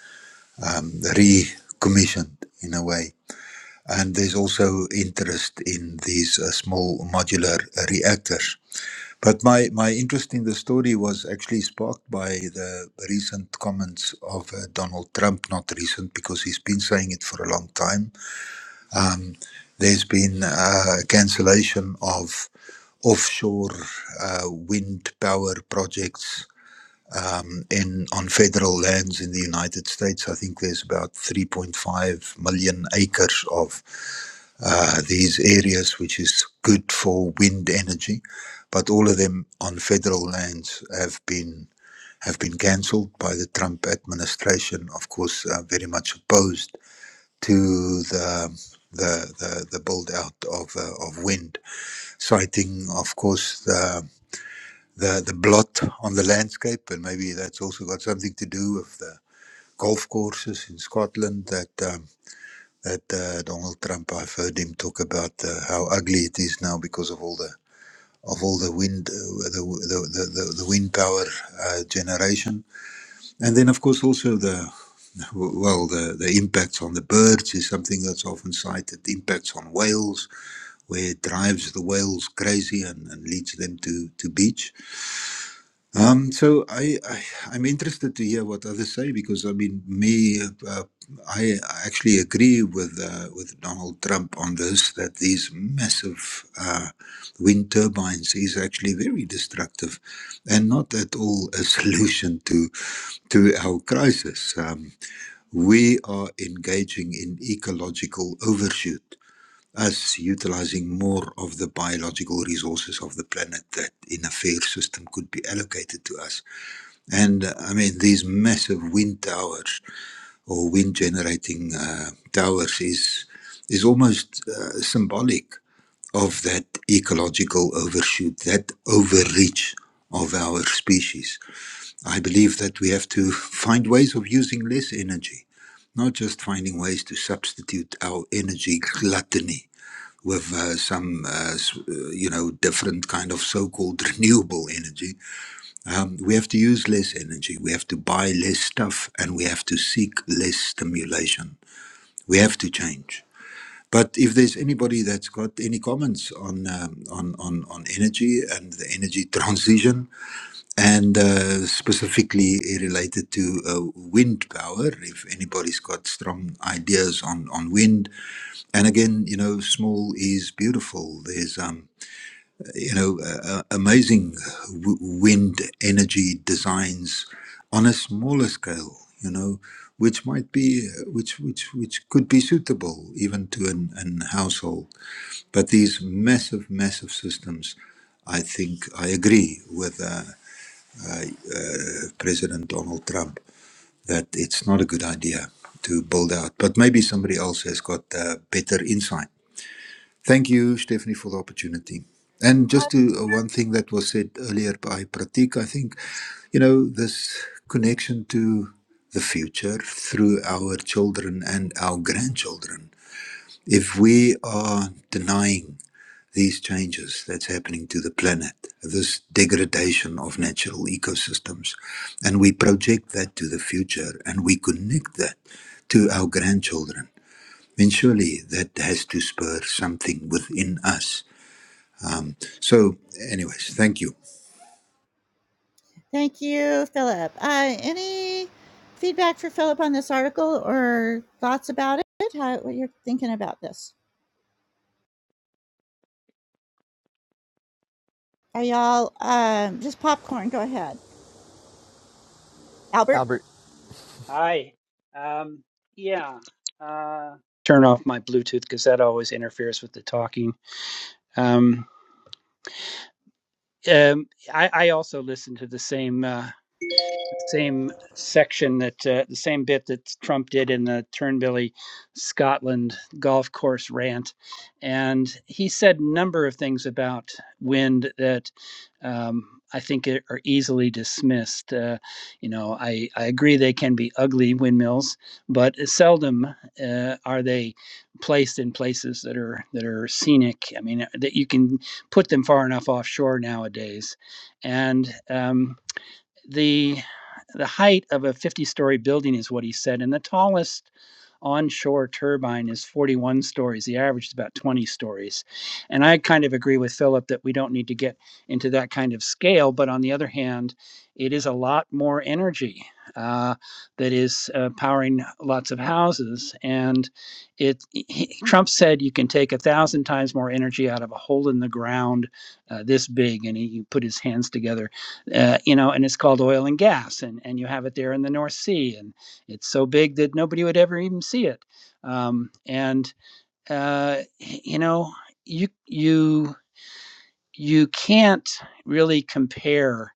[SPEAKER 9] um, recommissioned in a way and there's also interest in these uh, small modular reactors. But my, my interest in the story was actually sparked by the recent comments of uh, Donald Trump, not recent because he's been saying it for a long time. Um, there's been uh, cancellation of offshore uh, wind power projects um, in on federal lands in the United States. I think there's about 3.5 million acres of uh, these areas, which is good for wind energy, but all of them on federal lands have been have been cancelled by the Trump administration. Of course, uh, very much opposed to the the the, the build out of uh, of wind, citing, of course, the the the blot on the landscape, and maybe that's also got something to do with the golf courses in Scotland that. um, that uh, Donald Trump. I've heard him talk about uh, how ugly it is now because of all the of all the wind, uh, the, the, the, the the wind power uh, generation, and then of course also the well the the impacts on the birds is something that's often cited. The impacts on whales, where it drives the whales crazy and, and leads them to to beach um, so I, I I'm interested to hear what others say because I mean me uh, I actually agree with uh, with Donald Trump on this that these massive uh, wind turbines is actually very destructive and not at all a solution to to our crisis. Um, we are engaging in ecological overshoot. Us utilizing more of the biological resources of the planet that in a fair system could be allocated to us and uh, I mean, these massive wind towers or wind generating uh, towers is is almost uh, symbolic of that ecological overshoot, that overreach of our species. I believe that we have to find ways of using less energy, not just finding ways to substitute our energy gluttony with uh, some, uh, s- uh, you know, different kind of so-called renewable energy um, we have to use less energy. We have to buy less stuff and we have to seek less stimulation. We have to change. But if there's anybody that's got any comments on, um, on, on, on energy and the energy transition, and uh, specifically related to uh, wind power, if anybody's got strong ideas on, on wind, and again, you know, small is beautiful. There's um, you know, uh, uh, amazing w- wind energy designs on a smaller scale, you know, which might be, which, which, which could be suitable even to an, an household. But these massive, massive systems, I think I agree with uh, President Donald Trump that it's not a good idea to build out. But maybe somebody else has got uh, better insight. Thank you, Stephanie, for the opportunity. And just to uh, one thing that was said earlier by Pratik, I think, you know, this connection to the future through our children and our grandchildren. If we are denying these changes that's happening to the planet, this degradation of natural ecosystems, and we project that to the future and we connect that to our grandchildren, then surely that has to spur something within us so, anyways, thank you.
[SPEAKER 10] Hi. Um, yeah. Uh, Turn off my Bluetooth because that always interferes with the talking. Um, um, I, I also listen to the same. uh, the same section that uh, the same bit that Trump did in the Turnbilly Scotland golf course rant, and he said a number of things about wind that um, I think are are easily dismissed. Uh, you know, I, I agree they can be ugly windmills, but seldom uh, are they placed in places that are that are scenic. I mean, that you can put them far enough offshore nowadays, and. Um, the the height of a 50 story building is what he said and the tallest onshore turbine is 41 stories the average is about 20 stories and i kind of agree with philip that we don't need to get into that kind of scale but on the other hand it is a lot more energy uh, that is uh, powering lots of houses and it he, trump said you can take a thousand times more energy out of a hole in the ground uh, this big and he put his hands together uh, you know, and it's called oil and gas, and, and you have it there in the North Sea, and it's so big that nobody would ever even see it. Um, and uh, you know, you you you can't really compare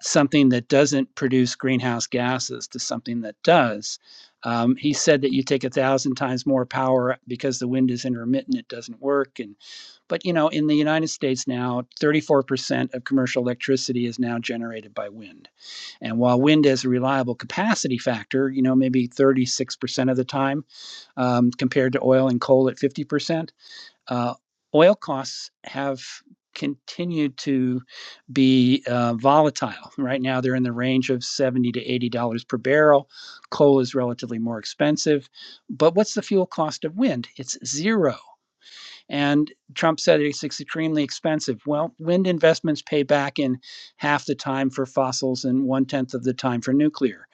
[SPEAKER 10] something that doesn't produce greenhouse gases to something that does. Um, he said that you take a thousand times more power because the wind is intermittent; it doesn't work. And but you know, in the United States now, 34% of commercial electricity is now generated by wind and while wind has a reliable capacity factor, you know, maybe 36% of the time um, compared to oil and coal at 50%, uh, oil costs have continued to be uh, volatile. Right now, they're in the range of 70 to $80 per barrel. Coal is relatively more expensive. But what's the fuel cost of wind? It's zero. And Trump said it's extremely expensive. Well, wind investments pay back in half the time for fossils and one tenth of the time for nuclear.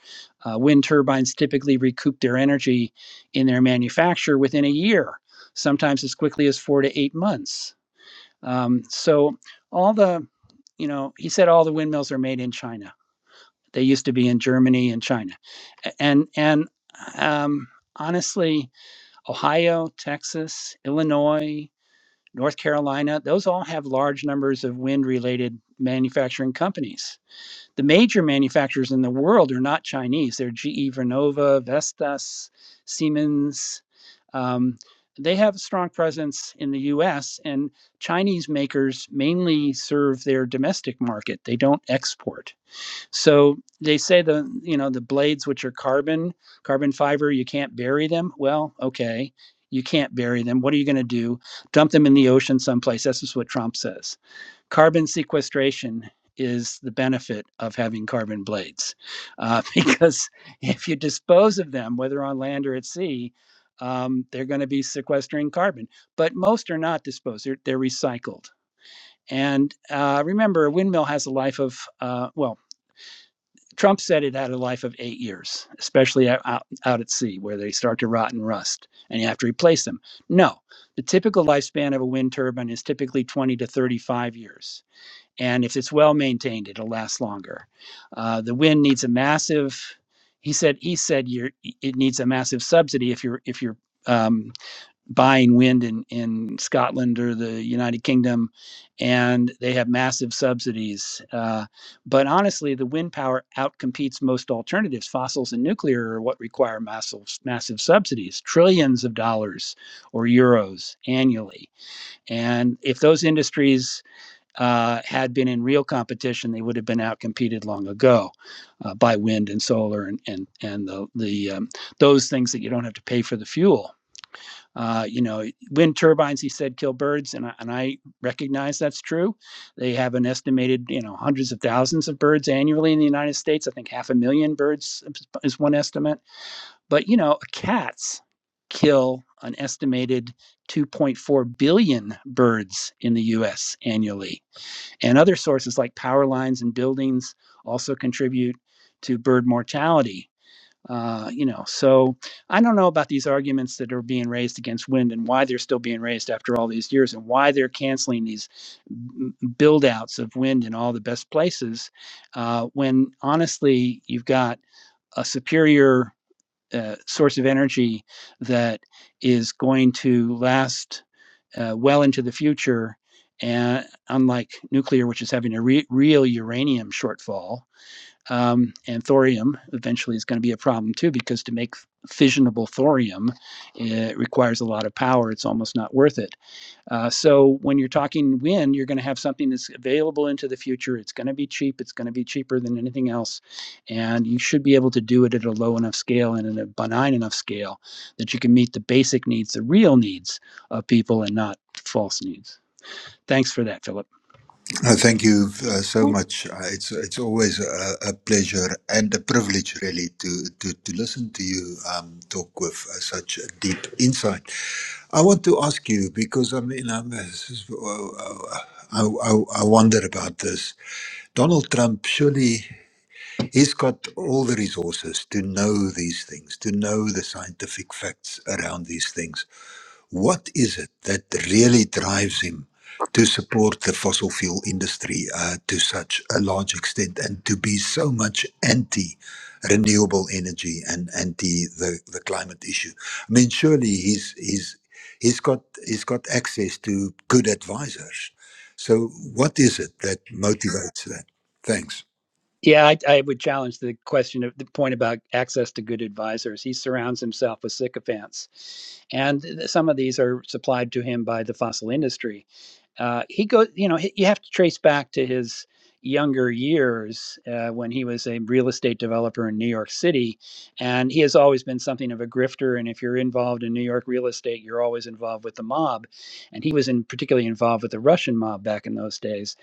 [SPEAKER 10] Uh, wind turbines typically recoup their energy in their manufacture within a year, sometimes as quickly as four to eight months. Um, so, all the, you know, he said all the windmills are made in China. They used to be in Germany and China, and and um, honestly, Ohio, Texas, Illinois. North Carolina, those all have large numbers of wind related manufacturing companies. The major manufacturers in the world are not Chinese. They're GE Vernova, Vestas, Siemens. Um, they have a strong presence in the US, and Chinese makers mainly serve their domestic market. They don't export. So they say the you know the blades which are carbon carbon fiber you can't bury them. Well, okay, you can't bury them. What are you going to do? Dump them in the ocean someplace? That's just what Trump says. Carbon sequestration is the benefit of having carbon blades uh, because if you dispose of them, whether on land or at sea. Um, they're going to be sequestering carbon, but most are not disposed. They're, they're recycled. And uh, remember, a windmill has a life of uh, well. Trump said it had a life of eight years, especially out, out, out at sea where they start to rot and rust and you have to replace them. No, the typical lifespan of a wind turbine is typically 20 to 35 years. And if it's well maintained, it'll last longer. Uh, the wind needs a massive, he said, he said you're, it needs a massive subsidy if you're, if you're, um, buying wind in, in Scotland or the United Kingdom, and they have massive subsidies. Uh, but honestly, the wind power outcompetes most alternatives. Fossils and nuclear are what require massive, massive subsidies, trillions of dollars or euros annually. And if those industries uh, had been in real competition, they would have been outcompeted long ago uh, by wind and solar and and and the the um, those things that you don't have to pay for the fuel. Uh, you know, wind turbines, he said, kill birds, and I, and I recognize that's true. They have an estimated, you know, hundreds of thousands of birds annually in the United States. I think half a million birds is is one estimate. But you know, cats kill an estimated 2.4 billion birds in the U.S. annually, and other sources like power lines and buildings also contribute to bird mortality uh, you know, so I don't know about these arguments that are being raised against wind and why they're still being raised after all these years and why they're canceling these m- build outs of wind in all the best places uh, when honestly you've got a superior uh, source of energy that is going to last uh, well into the future. And unlike nuclear, which is having a re- real uranium shortfall, um, and thorium eventually is going to be a problem too because to make fissionable thorium it requires a lot of power it's almost not worth it uh, so when you're talking wind you're going to have something that's available into the future it's going to be cheap it's going to be cheaper than anything else and you should be able to do it at a low enough scale and at a benign enough scale that you can meet the basic needs the real needs of people and not false needs thanks for that philip
[SPEAKER 9] Uh, thank you uh, so much. Uh, it's it's always a, a pleasure and a privilege, really, to to, to listen to you um, talk with uh, such a deep insight. I want to ask you because I mean, I'm, uh, this is- uh, uh, uh, I, I I wonder about this. Donald Trump surely. He's got all the resources to know these things, to know the scientific facts around these things What is it that really drives him to support the fossil fuel industry uh, to such a large extent and to be so much anti renewable energy and anti the, the climate issue? I mean, surely he's, he's, he's got, he's got access to good advisors. So, what is it that motivates that? Thanks.
[SPEAKER 10] Yeah, I, I would challenge the question of the point about access to good advisors. He surrounds himself with sycophants, and some of these are supplied to him by the fossil industry. Uh, he goes, you know, he, you have to trace back to his younger years uh, when he was a real estate developer in New York City, and he has always been something of a grifter. And if you're involved in New York real estate, you're always involved with the mob, and he was in particularly involved with the Russian mob back in those days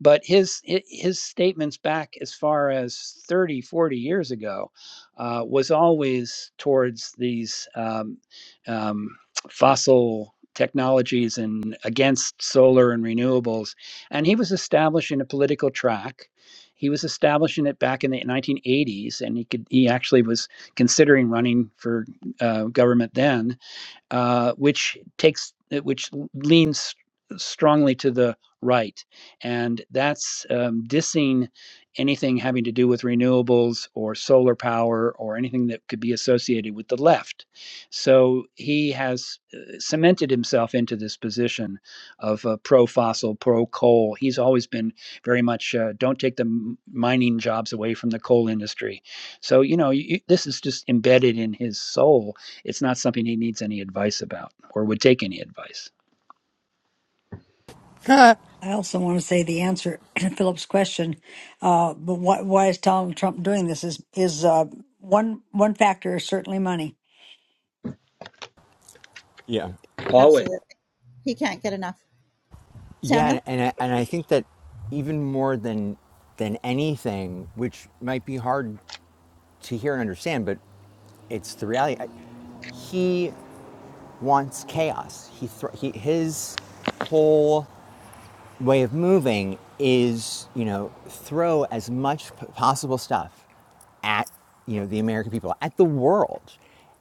[SPEAKER 10] but his his statements back as far as 30, 40 years ago uh, was always towards these um, um, fossil technologies and against solar and renewables and he was establishing a political track he was establishing it back in the 1980s and he could he actually was considering running for uh, government then uh, which takes uh, which leans strongly to the right, and that's um, dissing anything having to do with renewables or solar power or anything that could be associated with the left. So he has uh, cemented himself into this position of uh, pro fossil, pro coal. He's always been very much uh, don't take the mining jobs away from the coal industry. So you know you, this is just embedded in his soul it's not something he needs any advice about or would take any advice.
[SPEAKER 1] up
[SPEAKER 2] I also want to say the answer to Philip's question, uh, but why, why is Donald Trump doing this? Is is uh, one one factor is certainly money.
[SPEAKER 1] yeah
[SPEAKER 10] Paul
[SPEAKER 1] Yeah, and and I, and I think that even more than than anything, which might be hard to hear and understand, but it's the reality. He wants chaos. He, thr he his whole way of moving is you know throw as much possible stuff at you know the American people at the world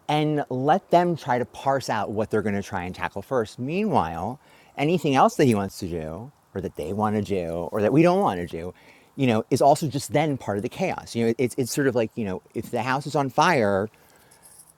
[SPEAKER 1] and let them try to parse out what they're going to try and tackle first meanwhile anything else that he wants to do or that they want to do or that we don't want to do you know is also just then part of the chaos you know it's it's sort of like you know if the house is on fire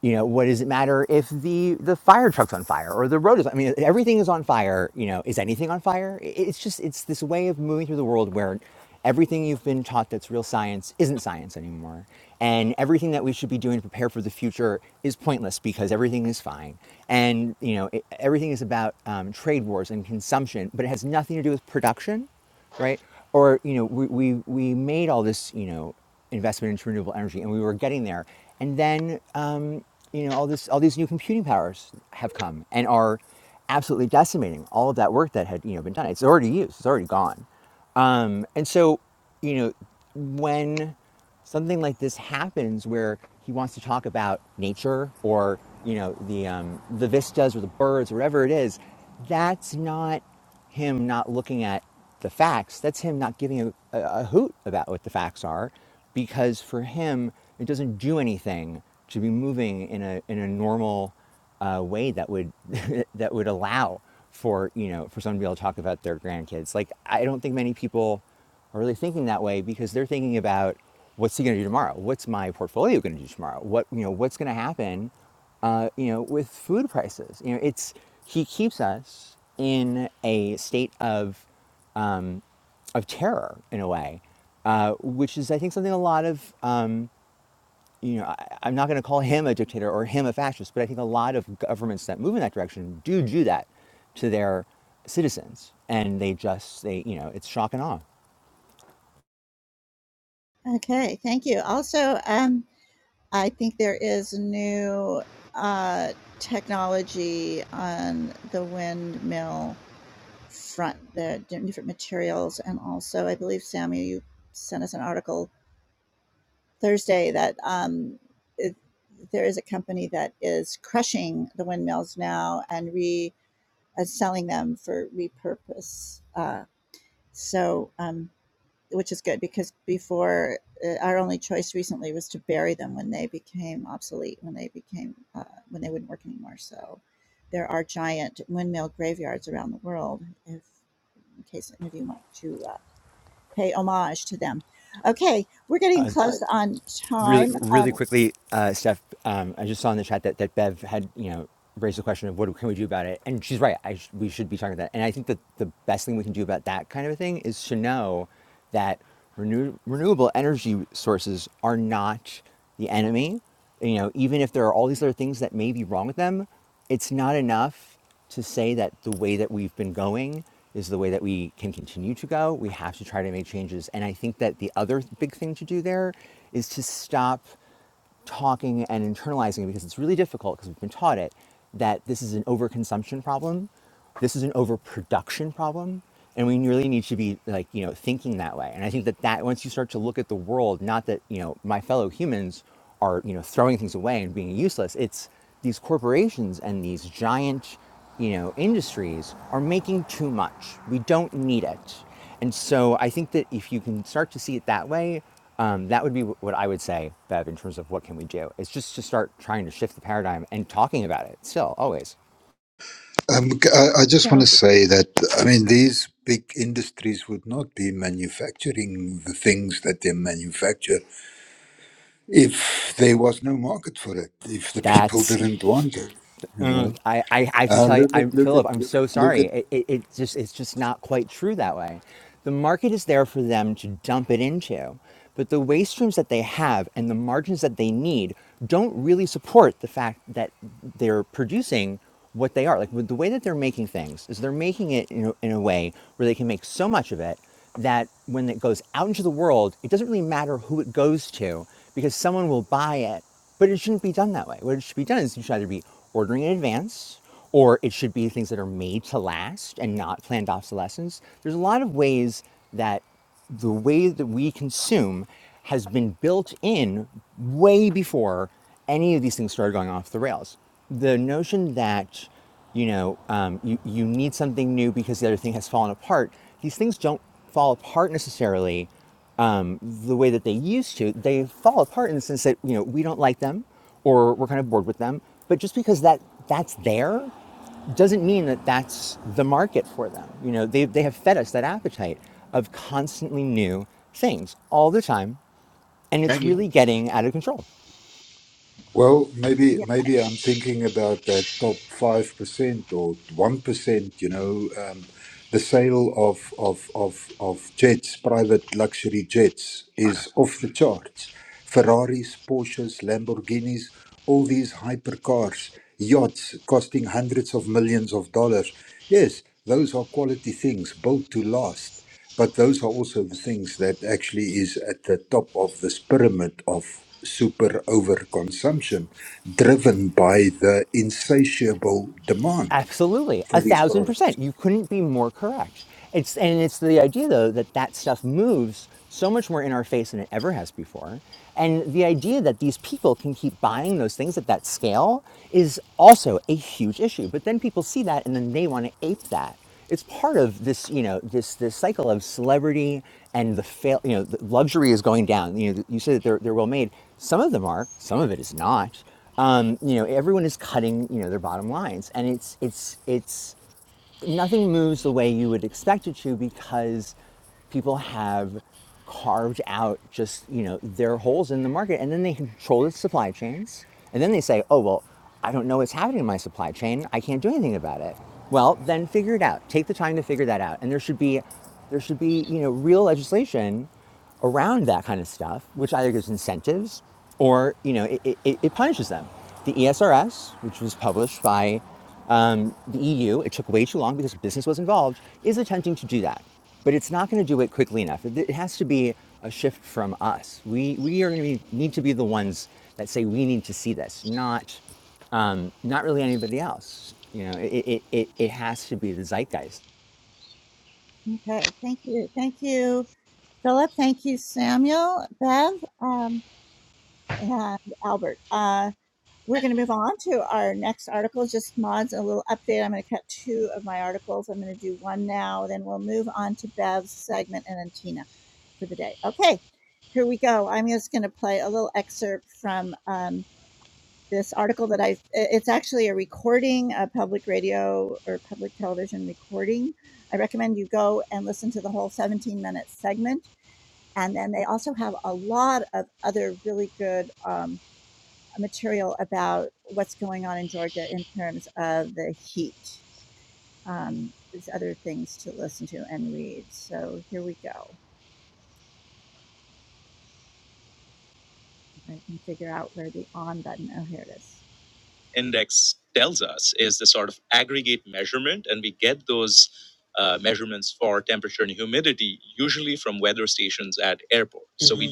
[SPEAKER 1] you know what does it matter if the the fire truck's on fire or the road is i mean everything is on fire you know is anything on fire I- it's just it's this way of moving through the world where everything you've been taught that's real science isn't science anymore and everything that we should be doing to prepare for the future is pointless because everything is fine and you know it, everything is about um, trade wars and consumption but it has nothing to do with production right? Or you know, we we we made all this you know investment into renewable energy, and we were getting there, and then um, you know all this all these new computing powers have come and are absolutely decimating all of that work that had you know been done. It's already used. It's already gone. Um, and so you know when something like this happens where he wants to talk about nature or you know the um, the vistas or the birds or whatever it is that's not him not looking at the facts, that's him not giving a, a, a hoot about what the facts are, because for him, it doesn't do anything to be moving in a, in a normal uh, way that would, that would allow for, you know, for someone to be able to talk about their grandkids. Like, I don't think many people are really thinking that way because they're thinking about what's he going to do tomorrow? What's my portfolio going to do tomorrow? What you know, what's going to happen? Uh, you know, with food prices. You know, it's he keeps us in a state of um, of terror in a way, uh, which is I think something a lot of um, you know I, I'm not going to call him a dictator or him a fascist, but I think a lot of governments that move in that direction do do that to their citizens, and they just they you know it's shock and awe. Really, really quickly, uh, Steph, um, I just saw in the chat that, that Bev had, you know, raised the question of what can we do about it, and she's right. I sh- we should be talking about that, and I think that the best thing we can do about that kind of a thing is to know that renew- renewable energy sources are not the enemy. You know, even if there are all these other things that may be wrong with them, it's not enough to say that the way that we've been going is the way that we can continue to go. We have to try to make changes. And I think that the other big thing to do there is to stop talking and internalizing it because it's really difficult because we've been taught it that this is an overconsumption problem, this is an overproduction problem, and we really need to be like you know thinking that way. And I think that that once you start to look at the world, not that you know my fellow humans are you know throwing things away and being useless. It's these corporations and these giant you know industries are making too much. We don't need it. And so I think that if you can start to see it that way, um, that would be what I would say, Bev, in terms of what can we do. It's just to start trying to shift the paradigm and talking about it still, always.
[SPEAKER 9] Um, c- I, I just want to say that I mean these big industries would not be manufacturing the things that they manufacture if there was no market for it, if the people
[SPEAKER 1] That's
[SPEAKER 9] didn't want it. You
[SPEAKER 1] Mm,
[SPEAKER 9] know,
[SPEAKER 1] I, I, I have to
[SPEAKER 9] uh,
[SPEAKER 1] tell you,
[SPEAKER 9] look at
[SPEAKER 1] I'm
[SPEAKER 9] look at
[SPEAKER 1] Philip. I'm
[SPEAKER 9] look at
[SPEAKER 1] so
[SPEAKER 9] look
[SPEAKER 1] sorry.
[SPEAKER 9] at
[SPEAKER 1] It, it, it just, it's just not quite true that way. The market is there for them to dump it into, but the waste streams that they have and the margins that they need don't really support the fact that they're producing what they are. Like with the way that they're making things is they're making it in a, in a way where they can make so much of it that when it goes out into the world, it doesn't really matter who it goes to because someone will buy it, but it shouldn't be done that way. What it should be done is you should either be ordering in advance or it should be things that are made to last and not planned obsolescence. There's a lot of ways that the way that we consume has been built in way before any of these things started going off the rails. The notion that you know, um, you, you need something new because the other thing has fallen apart. These things don't fall apart necessarily um, the way that they used to. They fall apart in the sense that, you know, we don't like them or we're kind of bored with them. But just because that that's there doesn't mean that that's the market for them. You know, they, they have fed us that appetite of constantly new things all the time. And
[SPEAKER 6] Thank
[SPEAKER 1] it's
[SPEAKER 6] you.
[SPEAKER 1] really getting out of control.
[SPEAKER 9] Well, maybe maybe I'm thinking about that top five percent or one percent. You know, um, the sale of of of of jets, private luxury jets, is off the charts. Ferraris, Porsches, Lamborghinis, all these hypercars, yachts costing hundreds of millions of dollars. Yes, those are quality things built to last. But those are also the things that actually is at the top of this pyramid of super overconsumption, driven by the insatiable demand
[SPEAKER 1] Absolutely, a
[SPEAKER 9] for these
[SPEAKER 1] thousand
[SPEAKER 9] products.
[SPEAKER 1] percent. You couldn't be more correct. It's and it's the idea though that that stuff moves so much more in our face than it ever has before, and the idea that these people can keep buying those things at that scale is also a huge issue. But then people see that and then they want to ape that. It's part of this, you know, this this cycle of celebrity and the fail. You know, the luxury is going down. You know, you say that they're they're well made. Some of them are. Some of it is not um, you know everyone is cutting you know their bottom lines and it's it's it's nothing moves the way you would expect it to because people have carved out just you know their holes in the market and then they control the supply chains and then they say oh well i don't know what's happening in my supply chain i can't do anything about it well then figure it out take the time to figure that out and there should be there should be you know real legislation around that kind of stuff which either gives incentives or you know it, it, it punishes them the esrs which was published by the EU, it took way too long because business was involved, is attempting to do that. But it's not going to do it quickly enough. It, has to be a shift from us. We, we are going to be, need to be the ones that say we need to see this, not, um, not really anybody else. You know, it, it, it, it has to be the zeitgeist.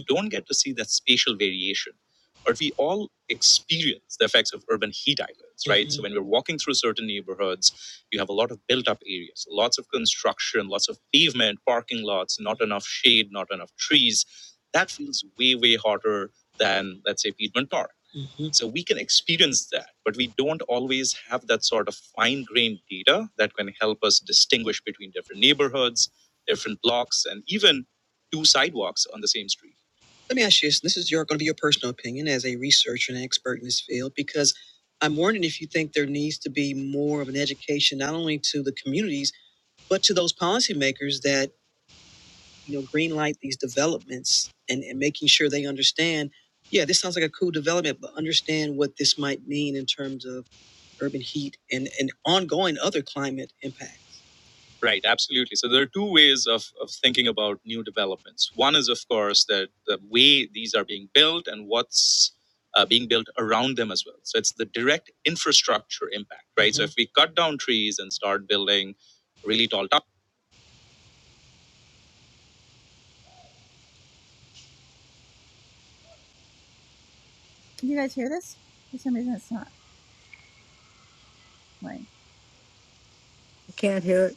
[SPEAKER 3] do
[SPEAKER 2] Can't hear it.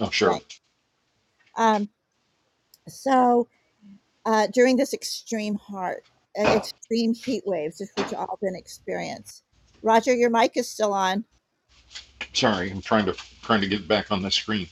[SPEAKER 6] Oh, sure. Sorry, I'm trying to trying to get back on the screen.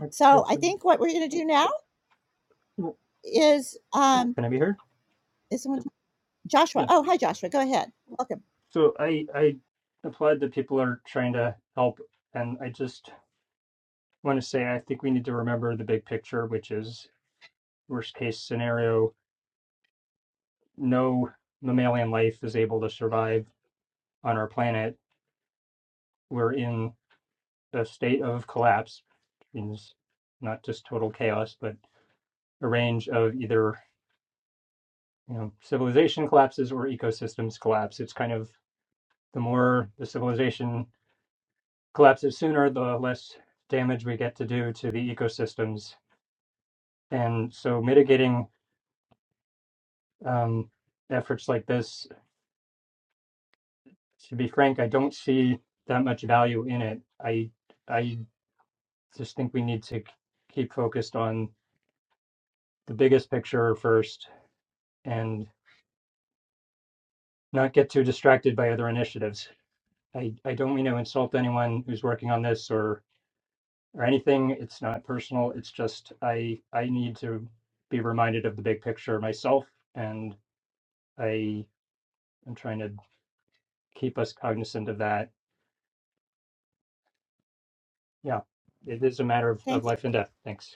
[SPEAKER 11] Like, so Well, Can I be heard? Yeah. So I I applaud that people are trying to help, and I just want to say I think we need to remember the big picture, which is worst case scenario, no mammalian life is able to survive on our planet. We're in a state of collapse, which means not just total chaos, but a range of either you know civilization collapses or ecosystems collapse. It's kind of the more the civilization collapses sooner, the less damage we get to do to the ecosystems. And so, mitigating um, efforts like this, to be frank, I don't see that much value in it. I I just think we need to keep focused on the biggest picture first and not get too distracted by other initiatives. I, I don't mean to insult anyone who's working on this or or anything. It's not personal. It's just I I need to be reminded of the big picture myself and. I am trying to keep us cognizant of that. Yeah, it is a matter of, of life and death. Thanks.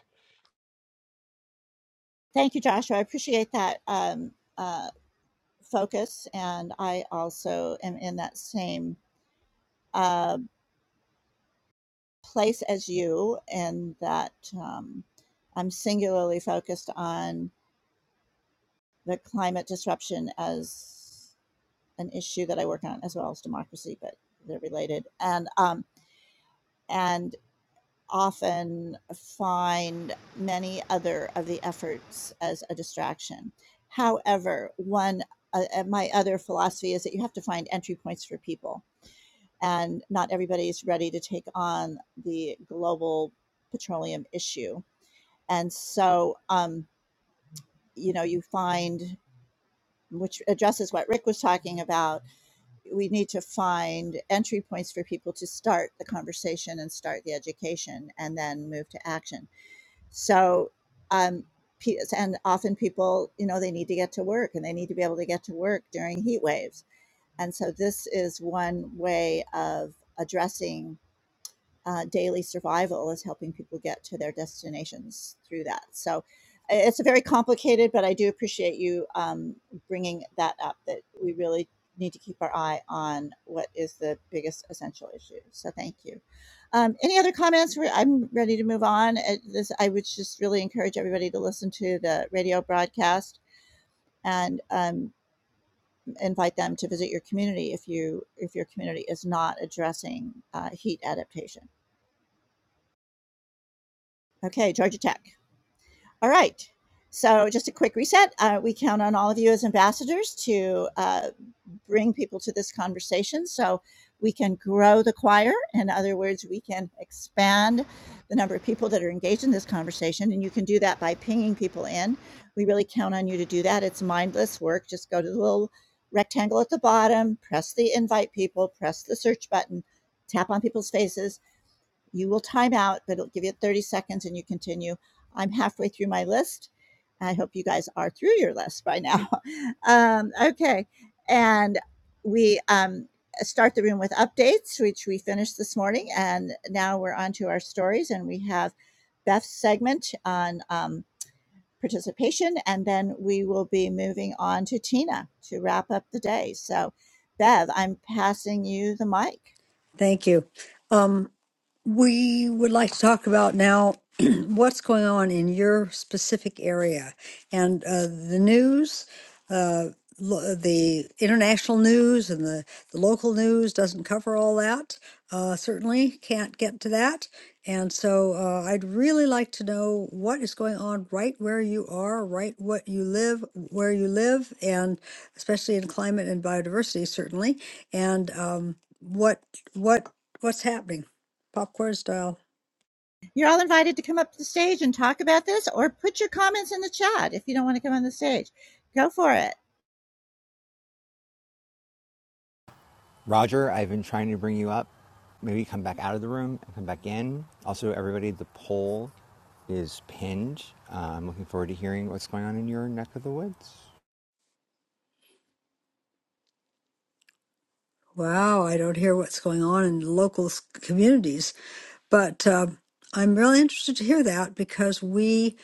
[SPEAKER 2] Thank you. Um, We would like to talk about now what's going on in your specific area and uh, the news, uh, lo- the international news and the, the local news doesn't cover all that. Uh, certainly can't get to that. And so uh, I'd really like to know what is going on right where you are, right what you live, where you live, and especially in climate and biodiversity, certainly, and um, what what what's happening. Popcorn style.
[SPEAKER 1] Roger, I've been trying to bring you up. Maybe come back out of the room and come back in. Also, everybody, the poll is pinned. Uh, I'm looking forward to hearing what's going on in your neck of the woods.
[SPEAKER 2] Wow, I don't hear what's going on in local s- communities, but um I'm really interested to hear that because we,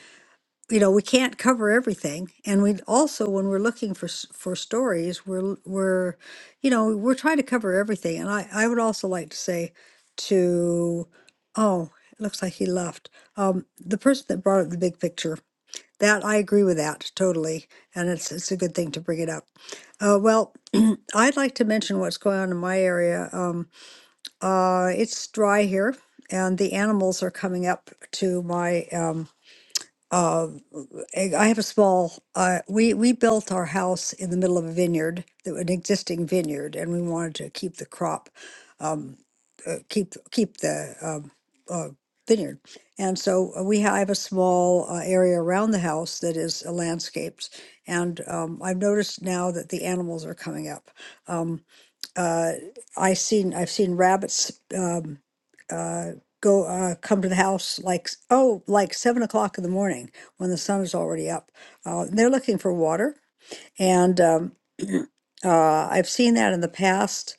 [SPEAKER 2] you know, we can't cover everything, and we also, when we're looking for s- for stories, we're l- we're, you know, we're trying to cover everything. And I I would also like to say to, oh, it looks like he left. Um, the person that brought up the big picture That I agree with that totally, and it's it's a good thing to bring it up. Uh, well, I'd like to mention what's going on in my area. Um, uh, it's dry here, and the animals are coming up to my um, uh, eh, I have a small, uh, we, we built our house in the middle of a vineyard, that- an existing vineyard, and we wanted to keep the crop, um, uh, keep, keep the, um, uh, vineyard. And so uh, we have a small uh, area around the house that is uh, landscaped. And, um, I've noticed now that the animals are coming up. Um, uh, I seen I've seen rabbits um, uh, go uh, come to the house like s- oh like seven o'clock in the morning when the sun is already up. Uh, they're looking for water, and um, uh, I've seen that in the past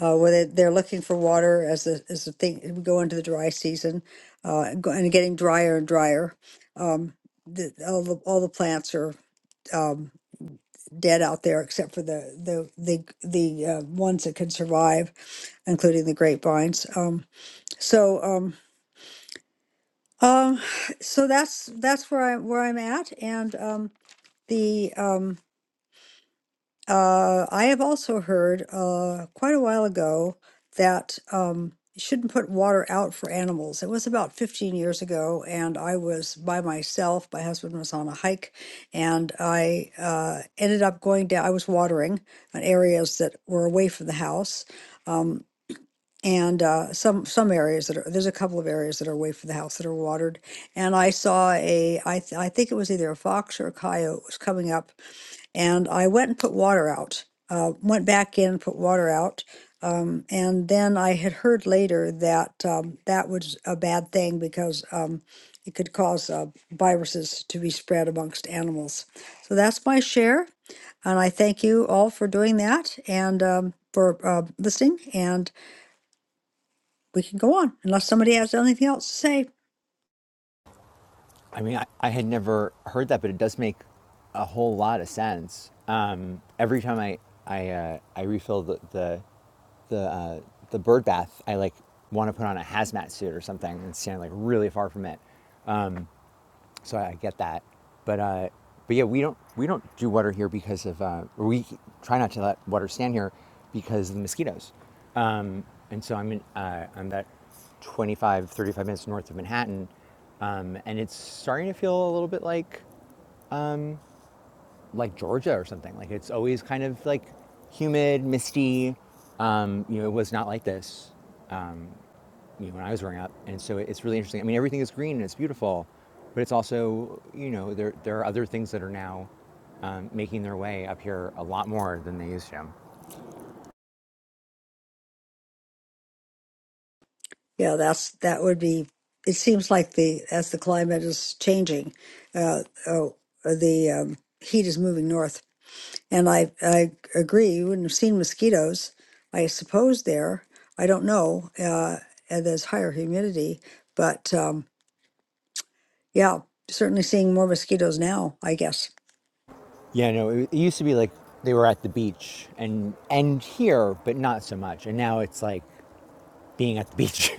[SPEAKER 2] uh, where they, they're looking for water as the as the thing we go into the dry season uh, and go- and getting drier and drier. Um, the, all the all the plants are um, dead out there except for the the the the uh, ones that can survive including the grapevines. Um, so um, um, so that's that's where I where I'm at, and um, the um, uh, I have also heard uh, quite a while ago that um, you shouldn't put water out for animals. It was about 15 years ago, and I was by myself. My husband was on a hike, and I uh, ended up going down. I was watering on areas that were away from the house. Um, and uh, some some areas that are there's a couple of areas that are away from the house that are watered and i saw a i, th- I think it was either a fox or a coyote was coming up and i went and put water out uh, went back in put water out um, and then i had heard later that um, that was a bad thing because um, it could cause uh, viruses to be spread amongst animals so that's my share and i thank you all for doing that and um, for uh, listening And we can go on unless somebody has anything else to say.
[SPEAKER 1] I mean, I, I had never heard that, but it does make a whole lot of sense. Um, every time I I uh, I refill the the the, uh, the bird bath, I like want to put on a hazmat suit or something and stand like really far from it. So I, get that, but uh, but yeah, we don't we don't do water here because of uh, we try not to let water stand here because of the mosquitoes. Um, and so I'm in uh, I'm about 25 35 minutes north of Manhattan, um, and it's starting to feel a little bit like like Georgia or something. Like it's always kind of like humid, misty. Um, you know, it was not like this you know, when I was growing up, and so it's really interesting. I mean, everything is green and it's beautiful, but it's also you know there there are other things that are now um, making their way up here a lot more than they used to.
[SPEAKER 2] Yeah, that's that would be. It seems like the as the climate is changing, uh, oh, the um, heat is moving north, and I I agree. You wouldn't have seen mosquitoes, I suppose there. I don't know. Uh, and there's higher humidity, but um, yeah, certainly seeing more mosquitoes now. I guess.
[SPEAKER 1] Yeah, no, it, it used to be like they were at the beach and and here, but not so much. And now it's like being at the beach,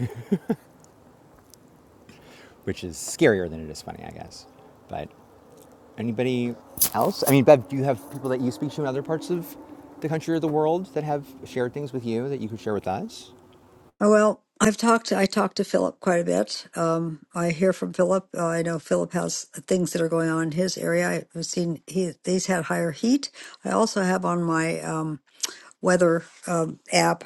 [SPEAKER 1] which is scarier than it is funny, I guess. But Anybody else? I mean, Bev, do you have people that you speak to in other parts of the country or the world that have shared things with you that you could share with us?
[SPEAKER 2] Oh, Well, I've talked. I talked to Philip quite a bit. Um, I hear from Philip. Uh, I know Philip has things that are going on in his area. I've seen he he's had higher heat. I also have on my um, weather um, app.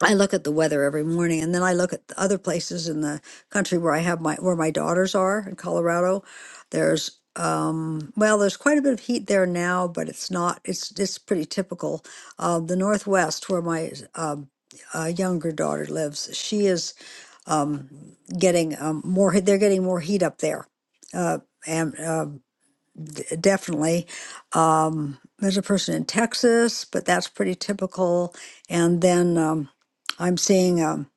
[SPEAKER 2] I look at the weather every morning, and then I look at the other places in the country where I have my where my daughters are in Colorado. There's um, well, there's quite a bit of heat there now, but it's not. It's it's pretty typical. Uh, the Northwest, where my um, uh, younger daughter lives, she is um, getting um, more. he- They're getting more heat up there, uh, and uh, d- definitely. Um, there's a person in Texas, but that's pretty typical. And then um, I'm seeing, um,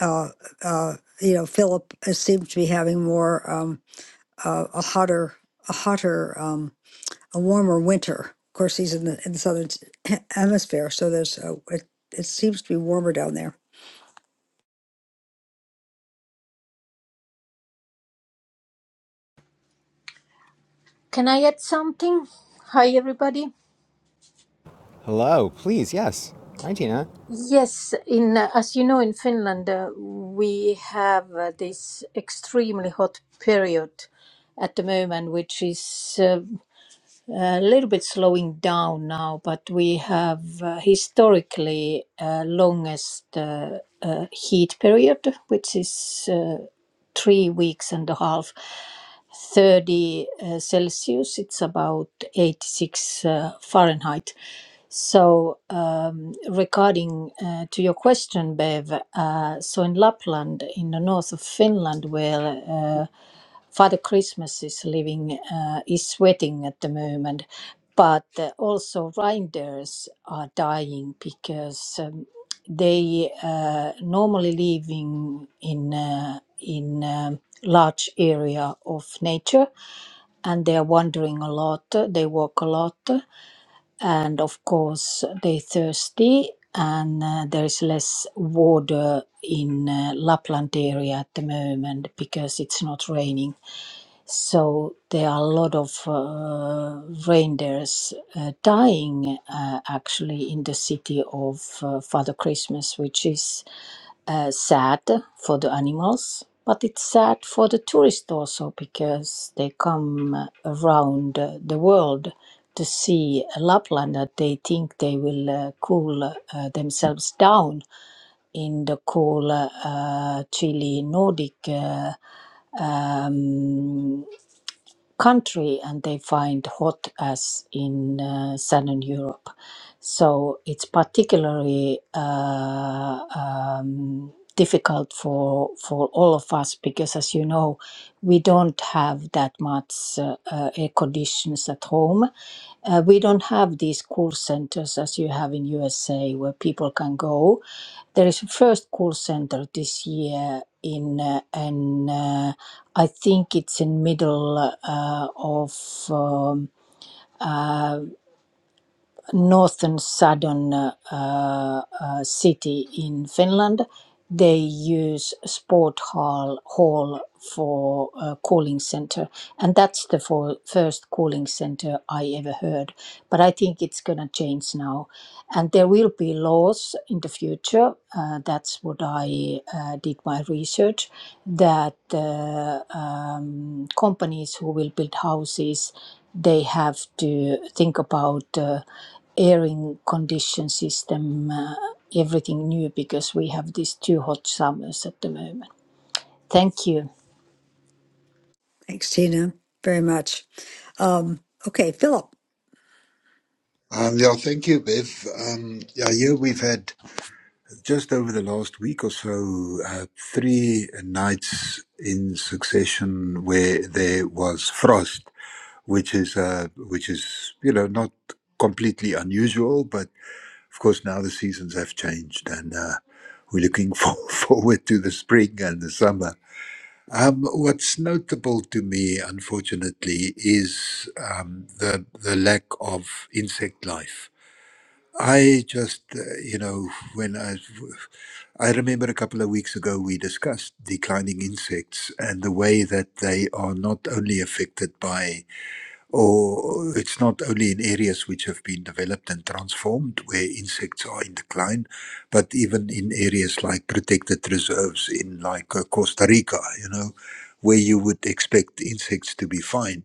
[SPEAKER 2] uh, uh, you know, Philip uh, seems to be having more um, uh, a hotter, a hotter, um, a warmer winter. Of course, he's in the, in the southern s- hemisphere, so there's uh, it, it seems to be warmer down there.
[SPEAKER 12] Can I add something? Hi, everybody.
[SPEAKER 1] Hello, please, yes. Hi, Tina.
[SPEAKER 12] Yes, in uh, as you know, in Finland, uh, we have uh, this extremely hot period at the moment, which is uh, a little bit slowing down now, but we have uh, historically uh, longest uh, uh, heat period, which is uh, three weeks and a half. 30 uh, Celsius, it's about 86 uh, Fahrenheit. So, um, regarding uh, to your question, Bev, uh, so in Lapland, in the north of Finland, where uh, Father Christmas is living, uh, is sweating at the moment, but uh, also reindeers are dying because um, they uh, normally live in in uh, in um, large area of nature, and they are wandering a lot. They walk a lot, and of course they're thirsty and uh, there's less water in uh, lapland area at the moment because it's not raining so there are a lot of uh, reindeers uh, dying uh, actually in the city of uh, father christmas which is uh, sad for the animals, but it's sad for the tourists also because they come around uh, the world to see Lapland that they think they will uh, cool uh, themselves down in the cool uh, Chile Nordic uh, um, country and they find hot as in uh, southern Europe. So it's particularly uh, um, difficult for for all of us because, as you know, we don't have that much uh, uh, air conditions at home. Uh, we don't have these cool centers as you have in USA where people can go. There is a first cool center this year in uh, and uh, I think it's in middle uh, of. um, northern southern uh, uh, uh, city in Finland. They use sport hall hall for a cooling center, and that's the for, first cooling center I ever heard. But I think it's gonna change now, and there will be laws in the future. Uh, that's what I uh, did my research. That uh, um, companies who will build houses they have to think about uh, airing condition system, uh, everything new because we have these two hot summers at the moment. Thank you.
[SPEAKER 2] Thanks, Tina, very much. Um, okay, Philip.
[SPEAKER 9] Um, yeah, thank you, Bev. Um, yeah, here we've had just over the last week or so uh, three nights in succession where there was frost, which is uh, which is you know not completely unusual, but. Of course, now the seasons have changed, and uh, we're looking for, forward to the spring and the summer. Um, what's notable to me, unfortunately, is um, the the lack of insect life. I just, uh, you know, when I I remember a couple of weeks ago we discussed declining insects and the way that they are not only affected by or uh, it's not only in areas which have been developed and transformed where insects are in decline, but even in areas like protected reserves in like uh, Costa Rica, you know, where you would expect insects to be fine.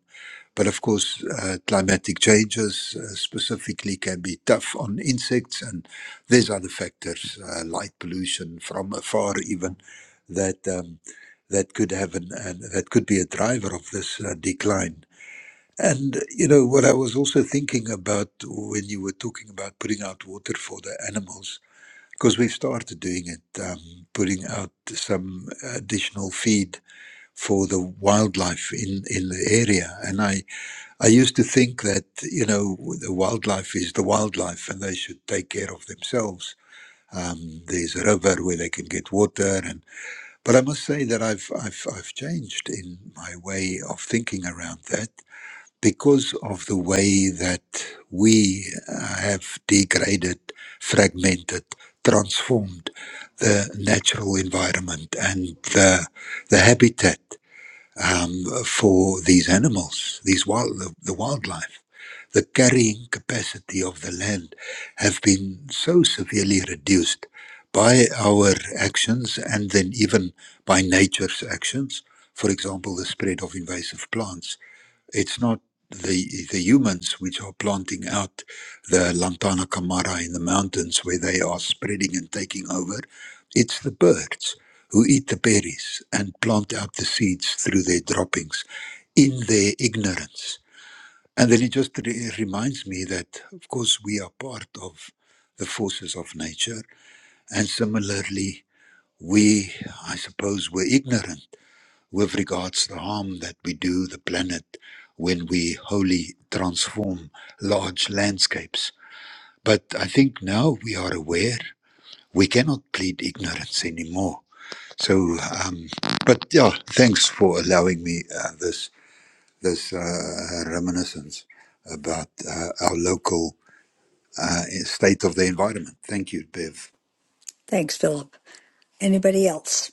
[SPEAKER 9] But of course, uh, climatic changes uh, specifically can be tough on insects, and there's other factors, uh, light pollution from afar, even that um, that could have an, an that could be a driver of this uh, decline. And you know what I was also thinking about when you were talking about putting out water for the animals, because we've started doing it, um, putting out some additional feed for the wildlife in in the area. And I I used to think that you know the wildlife is the wildlife, and they should take care of themselves. Um, there's a river where they can get water, and but I must say that I've I've I've changed in my way of thinking around that because of the way that we uh, have degraded, fragmented, transformed the natural environment and the, the habitat um, for these animals, these wild, the, the wildlife. The carrying capacity of the land have been so severely reduced by our actions and then even by nature's actions. For example, the spread of invasive plants it's not the the humans which are planting out the lantana camara in the mountains where they are spreading and taking over. It's the birds who eat the berries and plant out the seeds through their droppings in their ignorance. And then it just re- reminds me that, of course, we are part of the forces of nature. And similarly, we, I suppose, were ignorant with regards to the harm that we do the planet when we wholly transform large landscapes. But I think now we are aware we cannot plead ignorance anymore. So, um, but yeah, thanks for allowing me uh, this this uh, reminiscence about uh, our local uh, state of the environment. Thank you, Bev.
[SPEAKER 2] Thanks, Philip. Anybody else?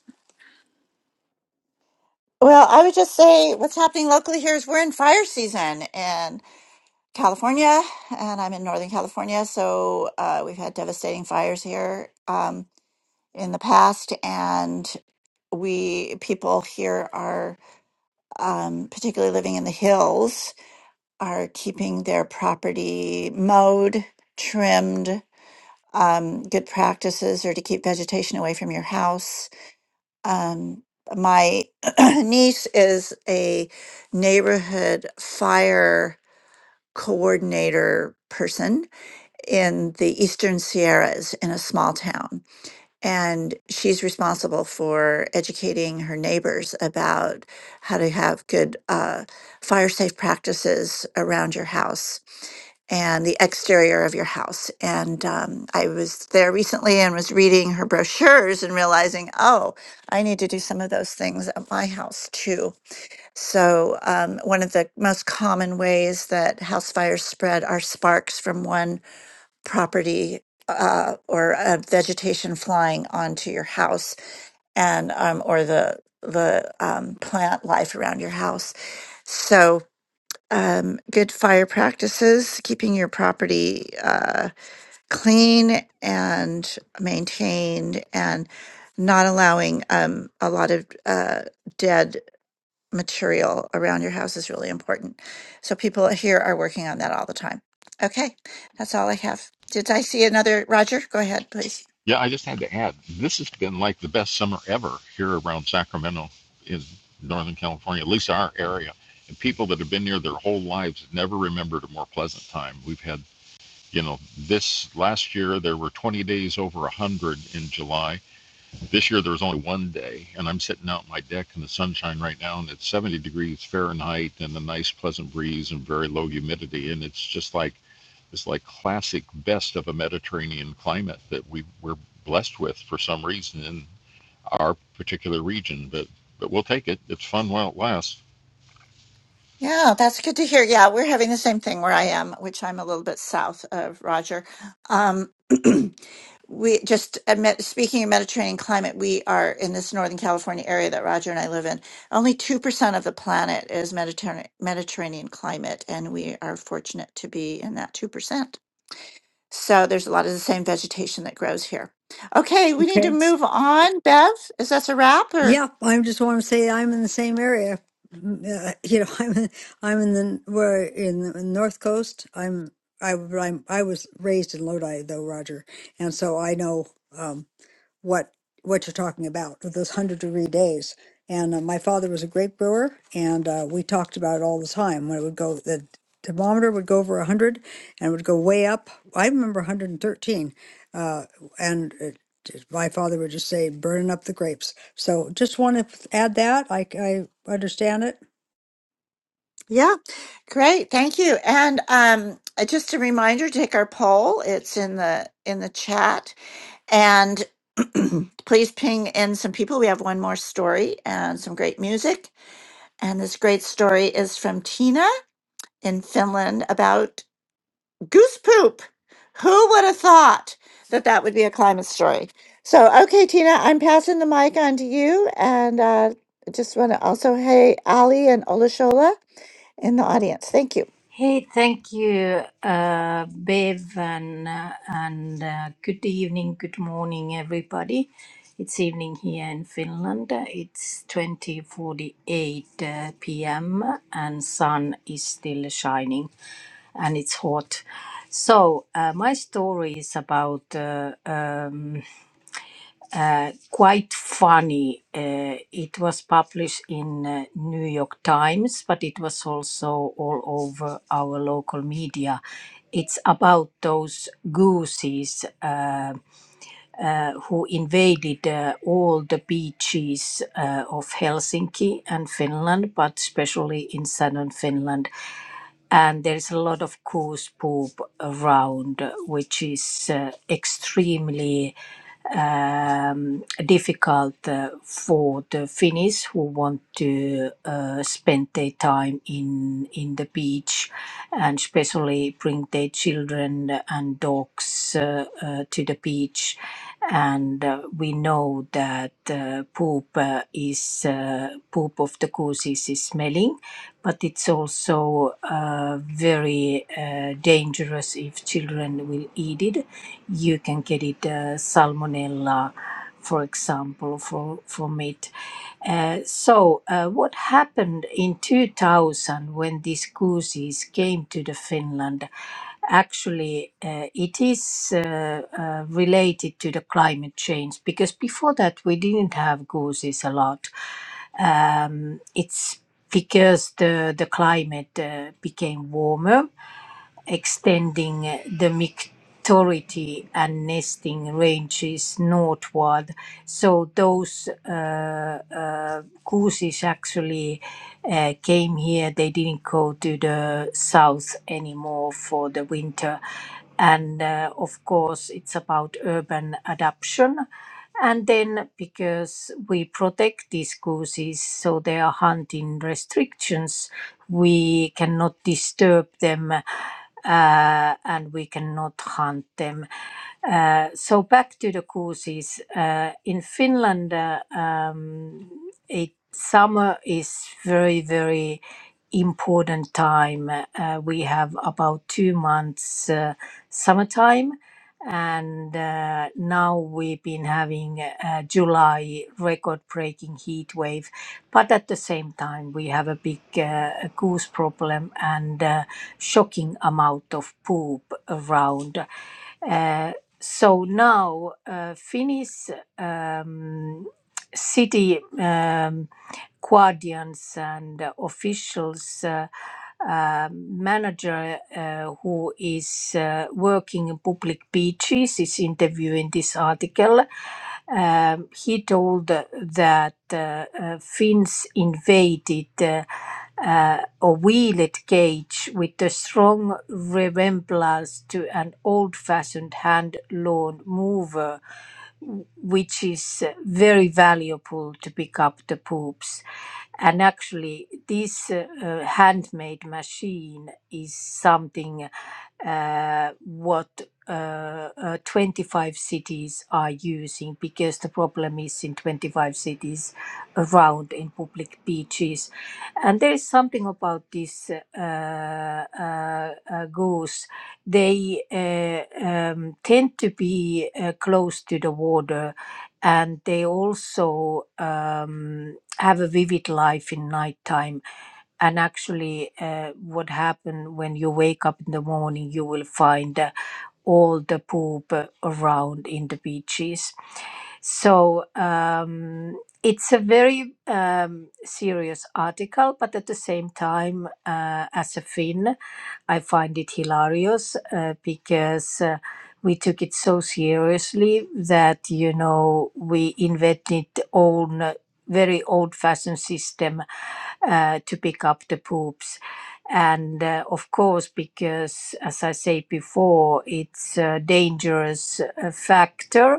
[SPEAKER 6] Yeah, I just had to add, this has been like the best summer ever here around Sacramento in Northern California, at least our area. And people that have been here their whole lives never remembered a more pleasant time. We've had, you know, this last year there were 20 days over 100 in July. This year there was only one day. And I'm sitting out on my deck in the sunshine right now, and it's 70 degrees Fahrenheit and a nice, pleasant breeze and very low humidity. And it's just like, is like classic best of a Mediterranean climate that we were blessed with for some reason in our particular region. But but we'll take it. It's fun while it lasts.
[SPEAKER 2] Okay. Yeah, I just want to say I'm in the same area. Mm, Uh, you know, I'm in, I'm in the we're in the North Coast. I'm I I'm, I was raised in Lodi though, Roger, and so I know. Um, what what you're talking about with those 100 degree days. And uh, my father was a great brewer, and uh, we talked about it all the time when it would go, the thermometer would go over 100 and it would go way up. I remember 113. Uh, and it, just- my father would just say, burning up the grapes. So just want to add that. I, I understand it.
[SPEAKER 12] Hey, thank you, uh, Bev, and, uh, and uh, good evening, good morning, everybody. It's evening here in Finland. It's 20:48 uh, p.m. and sun is still shining, and it's hot. So uh, my story is about uh, um, uh, quite funny. Uh, it was published in uh, New York Times, but it was also all over our local media. It's about those gooses uh, uh, who invaded uh, all the beaches uh, of Helsinki and Finland, but especially in southern Finland and there's a lot of coarse poop around, uh, which is uh, extremely um, difficult uh, for the Finnish who want to uh, spend their time in in the beach, and especially bring their children and dogs uh, uh, to the beach. And uh, we know that uh, poop uh, is uh, poop of the goose is smelling, but it's also uh, very uh, dangerous if children will eat it you can get it uh, salmonella, for example, for, from it. Uh, so, uh, what happened in 2000 when these gooses came to the Finland? Actually, uh, it is uh, uh, related to the climate change because before that we didn't have gooses a lot. Um, it's because the the climate uh, became warmer extending the maturity and nesting ranges northward. So those uh, uh, gooses actually uh, came here. They didn't go to the south anymore for the winter. And uh, of course, it's about urban adaption and then because we protect these gooses, so there are hunting restrictions, we cannot disturb them uh, and we cannot hunt them. Uh, so back to the gooses. Uh, in Finland, uh, um, it, summer is very, very important time. Uh, we have about two months uh, summertime and uh, now we've been having a July record-breaking heat wave. But at the same time, we have a big uh, goose problem and a shocking amount of poop around. Uh, so now, uh, Finnish um, city. Um, guardians and uh, officials, uh, uh, manager uh, who is uh, working in public beaches is interviewing this article. Um, he told uh, that uh, uh, Finns invaded uh, uh, a wheeled cage with a strong resemblance to an old-fashioned hand-lawn mower which is uh, very valuable to pick up the poops. And actually, this uh, uh, handmade machine is something uh, what uh, uh, 25 cities are using because the problem is in 25 cities around in public beaches. And there is something about this uh, uh, uh, goose they uh, um, tend to be uh, close to the water and they also um, have a vivid life in nighttime and actually uh, what happen when you wake up in the morning you will find uh, all the poop uh, around in the beaches so um, it's a very um, serious article but at the same time uh, as a finn I find it hilarious uh, because uh, we took it so seriously that you know we invented own uh, very old-fashioned system uh, to pick up the poops. And uh, of course, because as I said before, it's a dangerous uh, factor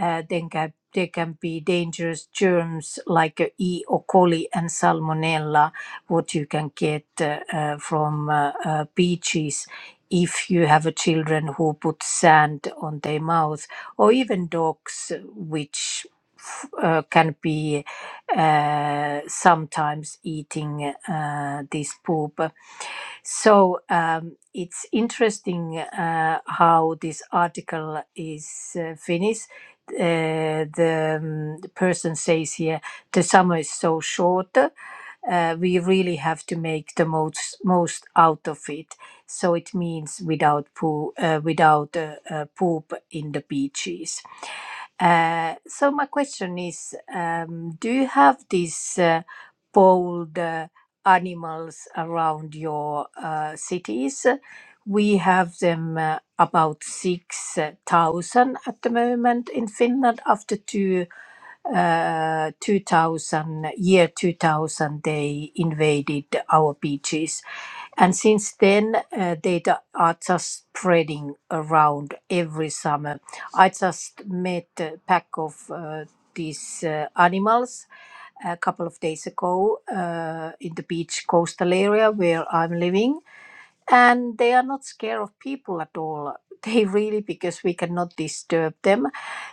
[SPEAKER 12] uh, then ca- there can be dangerous germs like uh, E. coli and Salmonella, what you can get uh, uh, from uh, uh, beaches if you have a children who put sand on their mouth, or even dogs, uh, which f- uh, can be uh, sometimes eating uh, this poop. So um, it's interesting uh, how this article is uh, finished. Uh, the, um, the person says here, the summer is so short. Uh, we really have to make the most most out of it. So it means without poo, uh, without uh, uh, poop in the beaches. Uh, so my question is, um, do you have these uh, bold uh, animals around your uh, cities? We have them uh, about 6,000 at the moment in Finland after two uh, 2000 year 2000 they invaded our beaches and since then uh, they d- are just spreading around every summer i just met a pack of uh, these uh, animals a couple of days ago uh, in the beach coastal area where i'm living and they are not scared of people at all they really because we cannot disturb them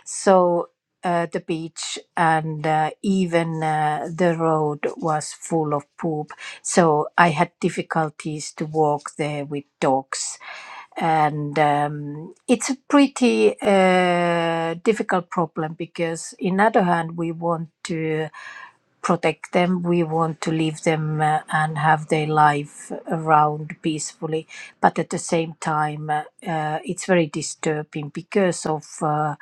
[SPEAKER 12] so uh, the beach and uh, even uh, the road was full of poop so i had difficulties to walk there with dogs and um, it's a pretty uh, difficult problem because in other hand we want to protect them. We want to leave them uh, and have their life around peacefully. But at the same time, uh, uh, it's very disturbing because of uh,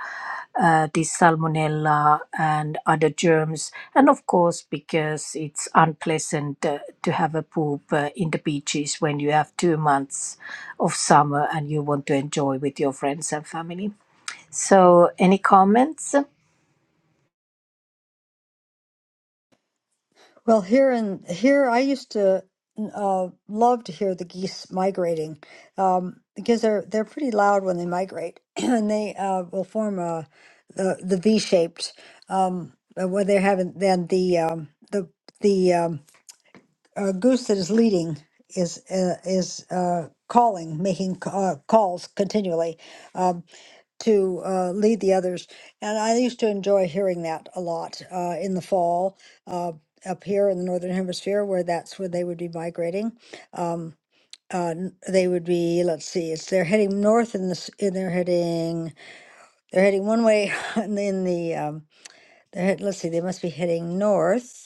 [SPEAKER 12] uh, this salmonella and other germs. And of course, because it's unpleasant uh, to have a poop uh, in the beaches when you have two months of summer and you want to enjoy with your friends and family. So, any comments?
[SPEAKER 2] Well, here in here, I used to uh, love to hear the geese migrating um, because they're they're pretty loud when they migrate, and they uh, will form a the the V shaped um, uh, where they haven't then the um, the the um, uh, goose that is leading is uh, is uh, calling, making c- uh, calls continually. um, to uh, lead the others. And I used to enjoy hearing that a lot uh, in the fall uh, up here in the northern hemisphere, where that's where they would be migrating. Um, uh, n- they would be, let's see, it's they're heading north in this, and they're heading, they're heading one way in the, in the um, they're head, let's see, they must be heading north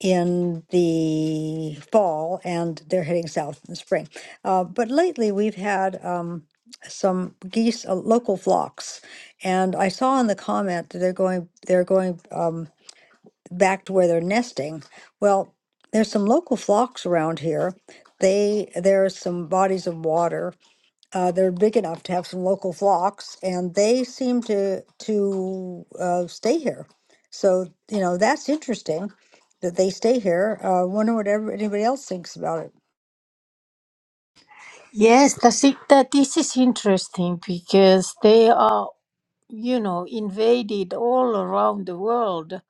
[SPEAKER 2] in the fall and they're heading south in the spring. Uh, but lately we've had um, some geese, uh, local flocks, and I saw in the comment that they're going they're going um, back to where they're nesting. Well, there's some local flocks around here. They there are some bodies of water uh, they're big enough to have some local flocks, and they seem to to uh, stay here. So you know that's interesting that they stay here. Uh, wonder what ever, anybody else thinks about it.
[SPEAKER 12] Yes, that's it, that this is interesting because they are, you know, invaded all around the world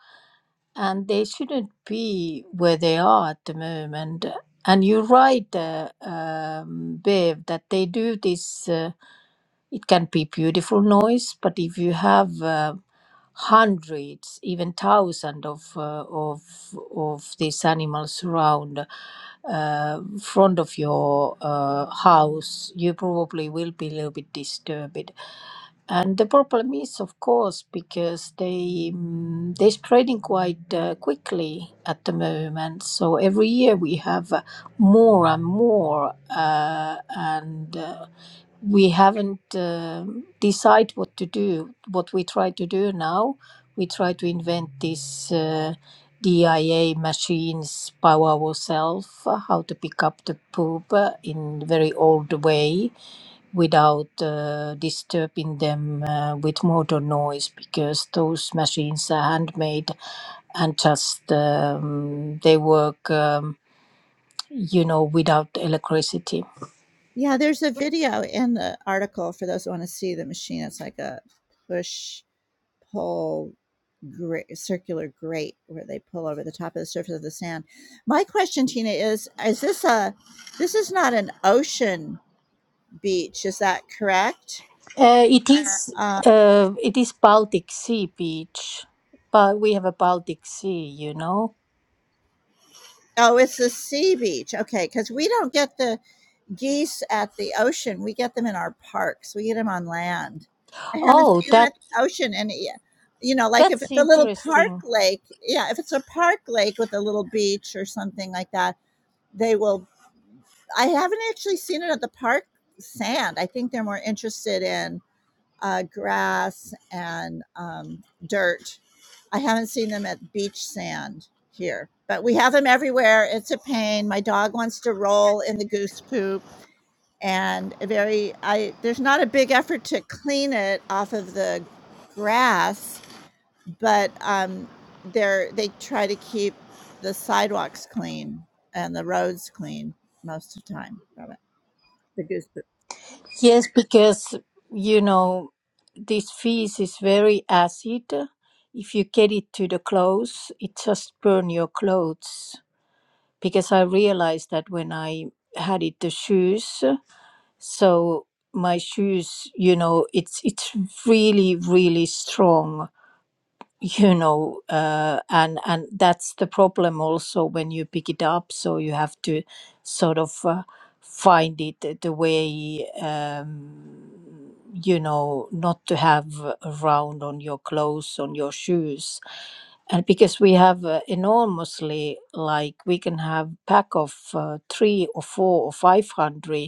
[SPEAKER 12] and they shouldn't be where they are at the moment. And you're right, uh, um, Bev, that they do this. Uh, it can be beautiful noise, but if you have uh, hundreds, even thousands of uh, of of these animals around uh, front of your uh, house, you probably will be a little bit disturbed. And the problem is, of course, because they mm, they're spreading quite uh, quickly at the moment. So every year we have uh, more and more, uh, and uh, we haven't um decide what to do. What we try to do now, we try to invent these uh, DIA machines by ourselves, uh, how to pick up the poop uh, in very old way without uh, disturbing them uh, with motor noise because those machines are handmade and just um, they work, um, you know, without electricity Uh, it is uh, it is Baltic Sea beach, but we have a Baltic Sea, you know. Oh, that that's interesting. Yes, because you know this fish is very acid. If you get it to the clothes, it just burn your clothes. Because I realized that when I had it the shoes, so my shoes, you know, it's it's really really strong you know uh, and and that's the problem also when you pick it up so you have to sort of uh, find it the the way um, you know not to have around on your clothes on your shoes and because we have uh, enormously like we can have pack of uh, three or four or five hundred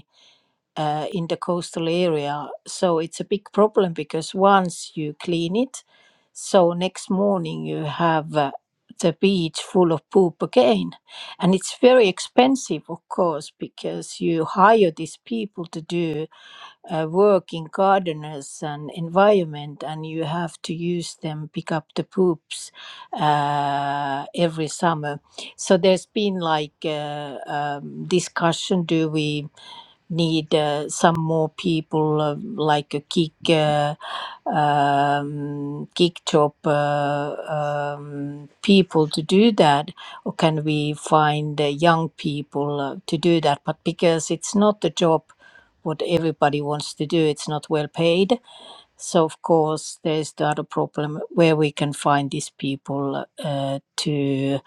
[SPEAKER 12] uh, in the coastal area. So it's a big problem because once you clean it, so next morning you have uh, the beach full of poop again. And it's very expensive, of course, because you hire these people to do uh, work in gardeners and environment and you have to use them pick up the poops uh, every summer so there's been like uh, um, discussion do we need uh, some more people uh, like a kick uh, um, kick job uh, um, people to do that or can we find uh, young people uh, to do that but because it's not a job what everybody wants to do. It's not well paid. So, of course, there's the other problem where we can find these people uh, to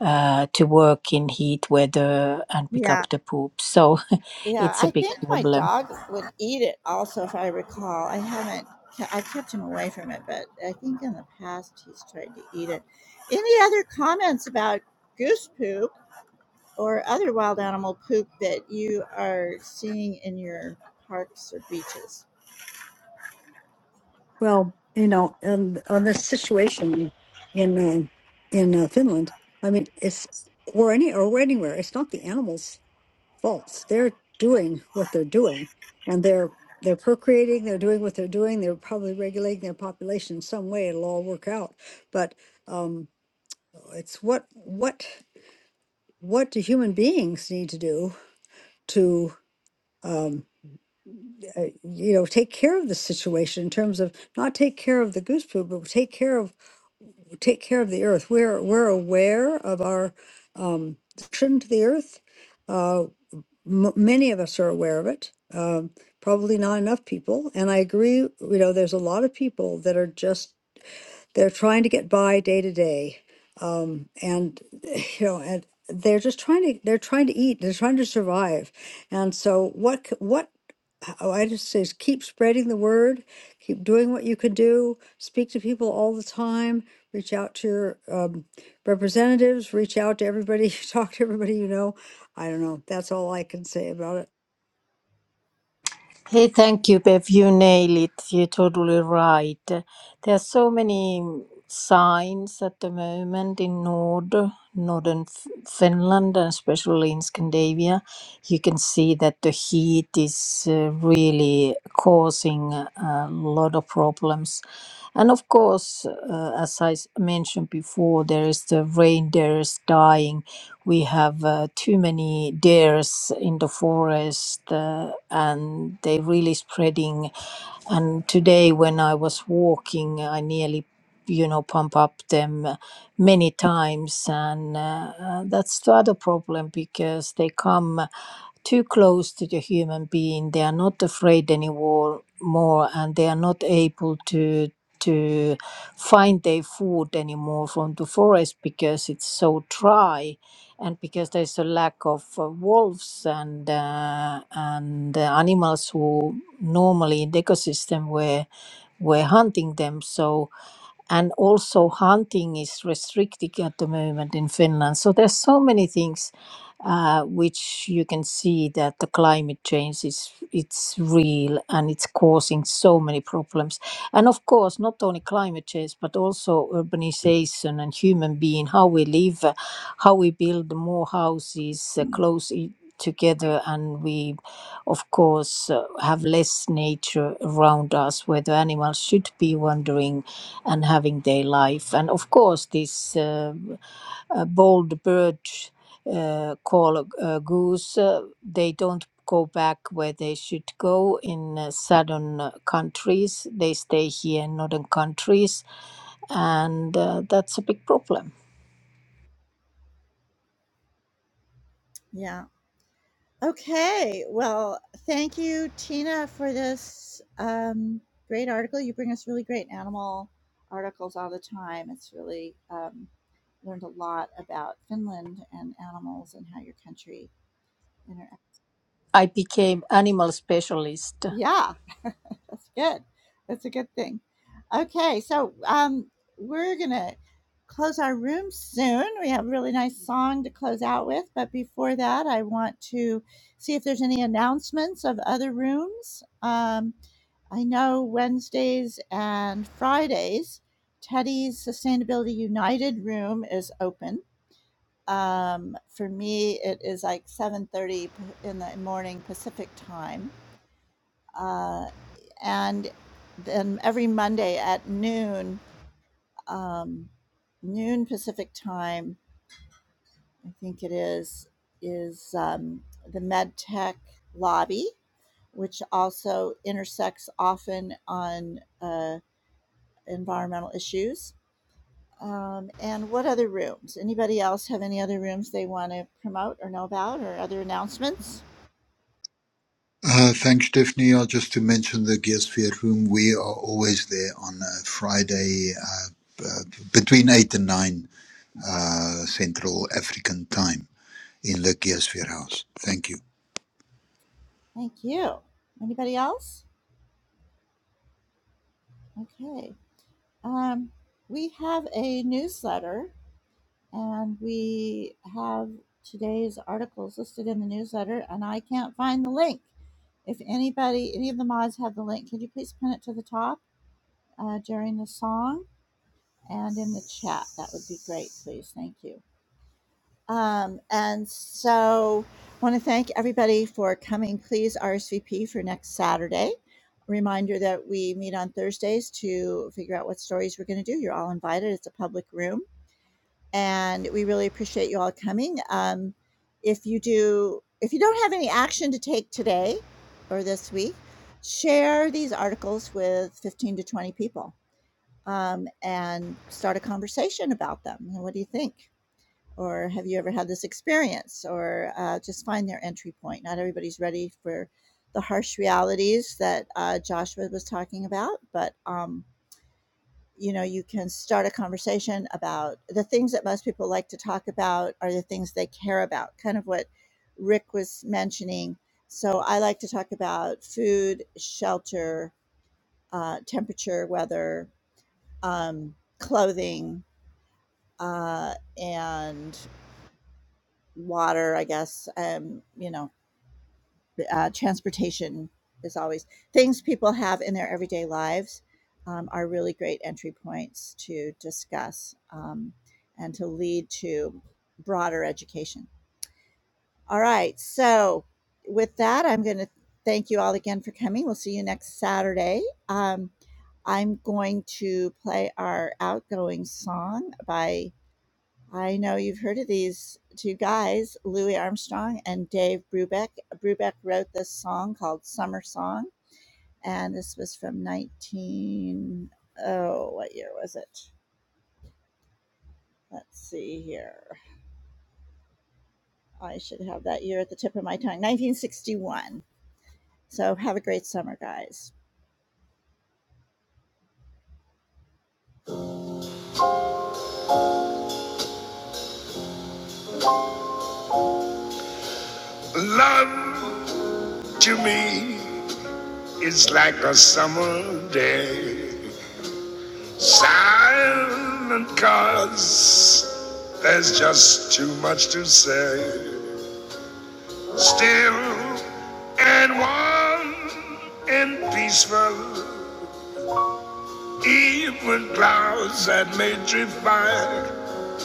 [SPEAKER 12] uh, to work in heat weather and pick up the poop. So, it's a big problem.
[SPEAKER 2] Well, you know, and on this situation in uh, in uh, Finland, I mean, it's or any or anywhere. It's not the animals. false. They're doing what they're doing, and they're they're procreating. They're doing what they're doing. They're probably regulating their population in some way. It'll all work out. But um, it's what what what do human beings need to do to um, uh, you know take care of the situation in terms of not take care of the goose poop, but take care of take care of the earth. We're we're aware of our um, connection to the earth. uh, m- many of us are aware of it. Um, probably not enough people. And I agree, you know, there's a lot of people that are just they're trying to get by day to day, um, and you know, and they're just trying to they're trying to eat. They're trying to survive, and so what c- what oh, I just say is keep spreading the word, keep doing what you can do, speak to people all the time, reach out to your um, representatives, reach out to everybody, talk to everybody you know. I don't know. That's all I can say about it.
[SPEAKER 12] Hey, thank you, Bev. You nail it. You're totally right. There are so many signs at the moment in Nord, northern F- Finland, and especially in Scandinavia. You can see that the heat is uh, really causing a lot of problems. And of course, uh, as I s- mentioned before, there is the reindeers dying we have uh, too many deers in the forest, uh, and they really spreading. And today, when I was walking, I nearly, you know, pump up them uh, many times, and uh, uh, that's the other problem because they come too close to the human being. They are not afraid anymore, more, and they are not able to to find their food anymore from the forest because it's so dry and because there's a lack of uh, wolves and uh, and uh, animals who normally in the ecosystem were were hunting them so and also hunting is restricted at the moment in Finland. So there's so many things uh, which you can see that the climate change is it's real and it's causing so many problems. And of course, not only climate change but also urbanization and human being, how we live, uh, how we build more houses uh, close. i- together and we of course uh, have less nature around us where the animals should be wandering and having their life. And of course, this uh, uh, bold bird uh, call uh, goose, uh, they don't go back where they should go in uh, southern uh, countries. They stay here in northern countries, and uh, that's a big problem. I became animal specialist
[SPEAKER 9] Uh, thanks, Stephanie. Uh, just to mention the Gearsphere room, we are always there on a Friday uh, uh, between 8 and 9 uh, Central African time in the Gearsphere house. Thank you.
[SPEAKER 3] love to me is like a summer day. Silent cause there's just too much to say. Still and warm and peaceful, even clouds that may drift by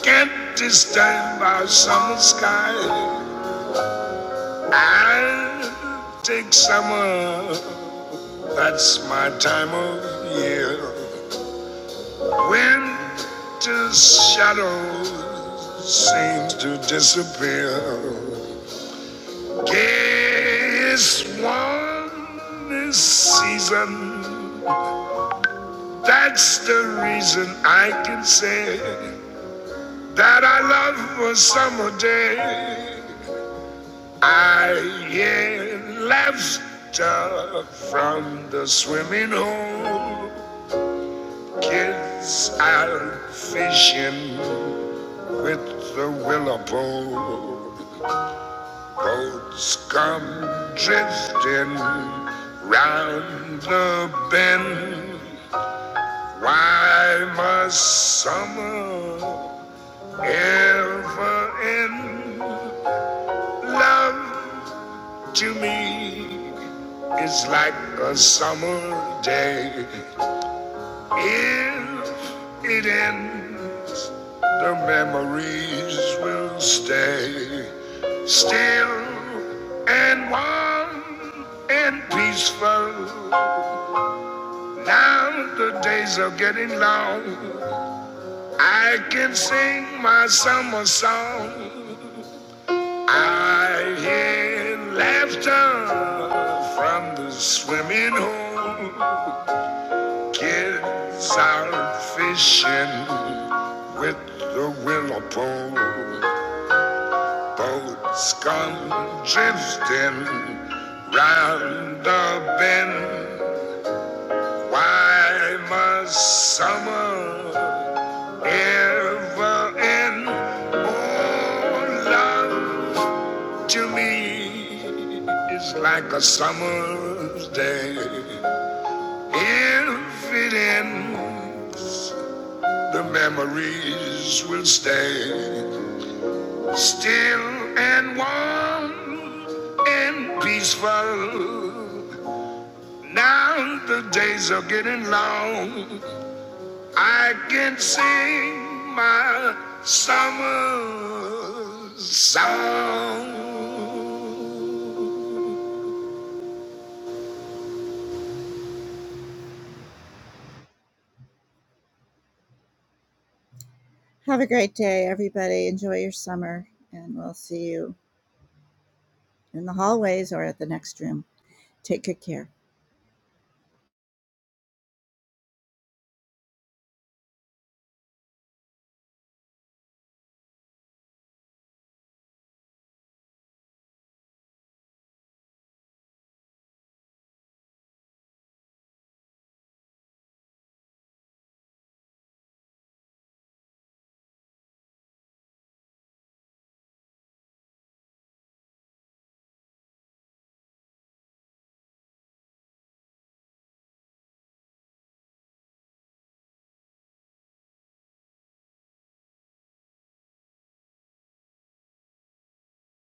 [SPEAKER 3] can't disturb our summer sky. I'll take summer, that's my time of year. Winter's shadows seem to disappear. Gay is warm this season. That's the reason I can say that I love a summer day. I hear laughter from the swimming hole. Kids out fishing. with the willow boats come drifting round the bend. Why must summer ever end? Love to me is like a summer day If it ends, the memories will stay still and warm and peaceful. Now the days are getting long. I can sing my summer song. I hear laughter from the swimming hole. Kids out fishing with the willow pole. Boats come drifting round the bend. Why must summer ever end? Oh, love to me is like a summer's day. If it ends, The memories will stay still and warm and peaceful. Now the days are getting long. I can sing my summer song.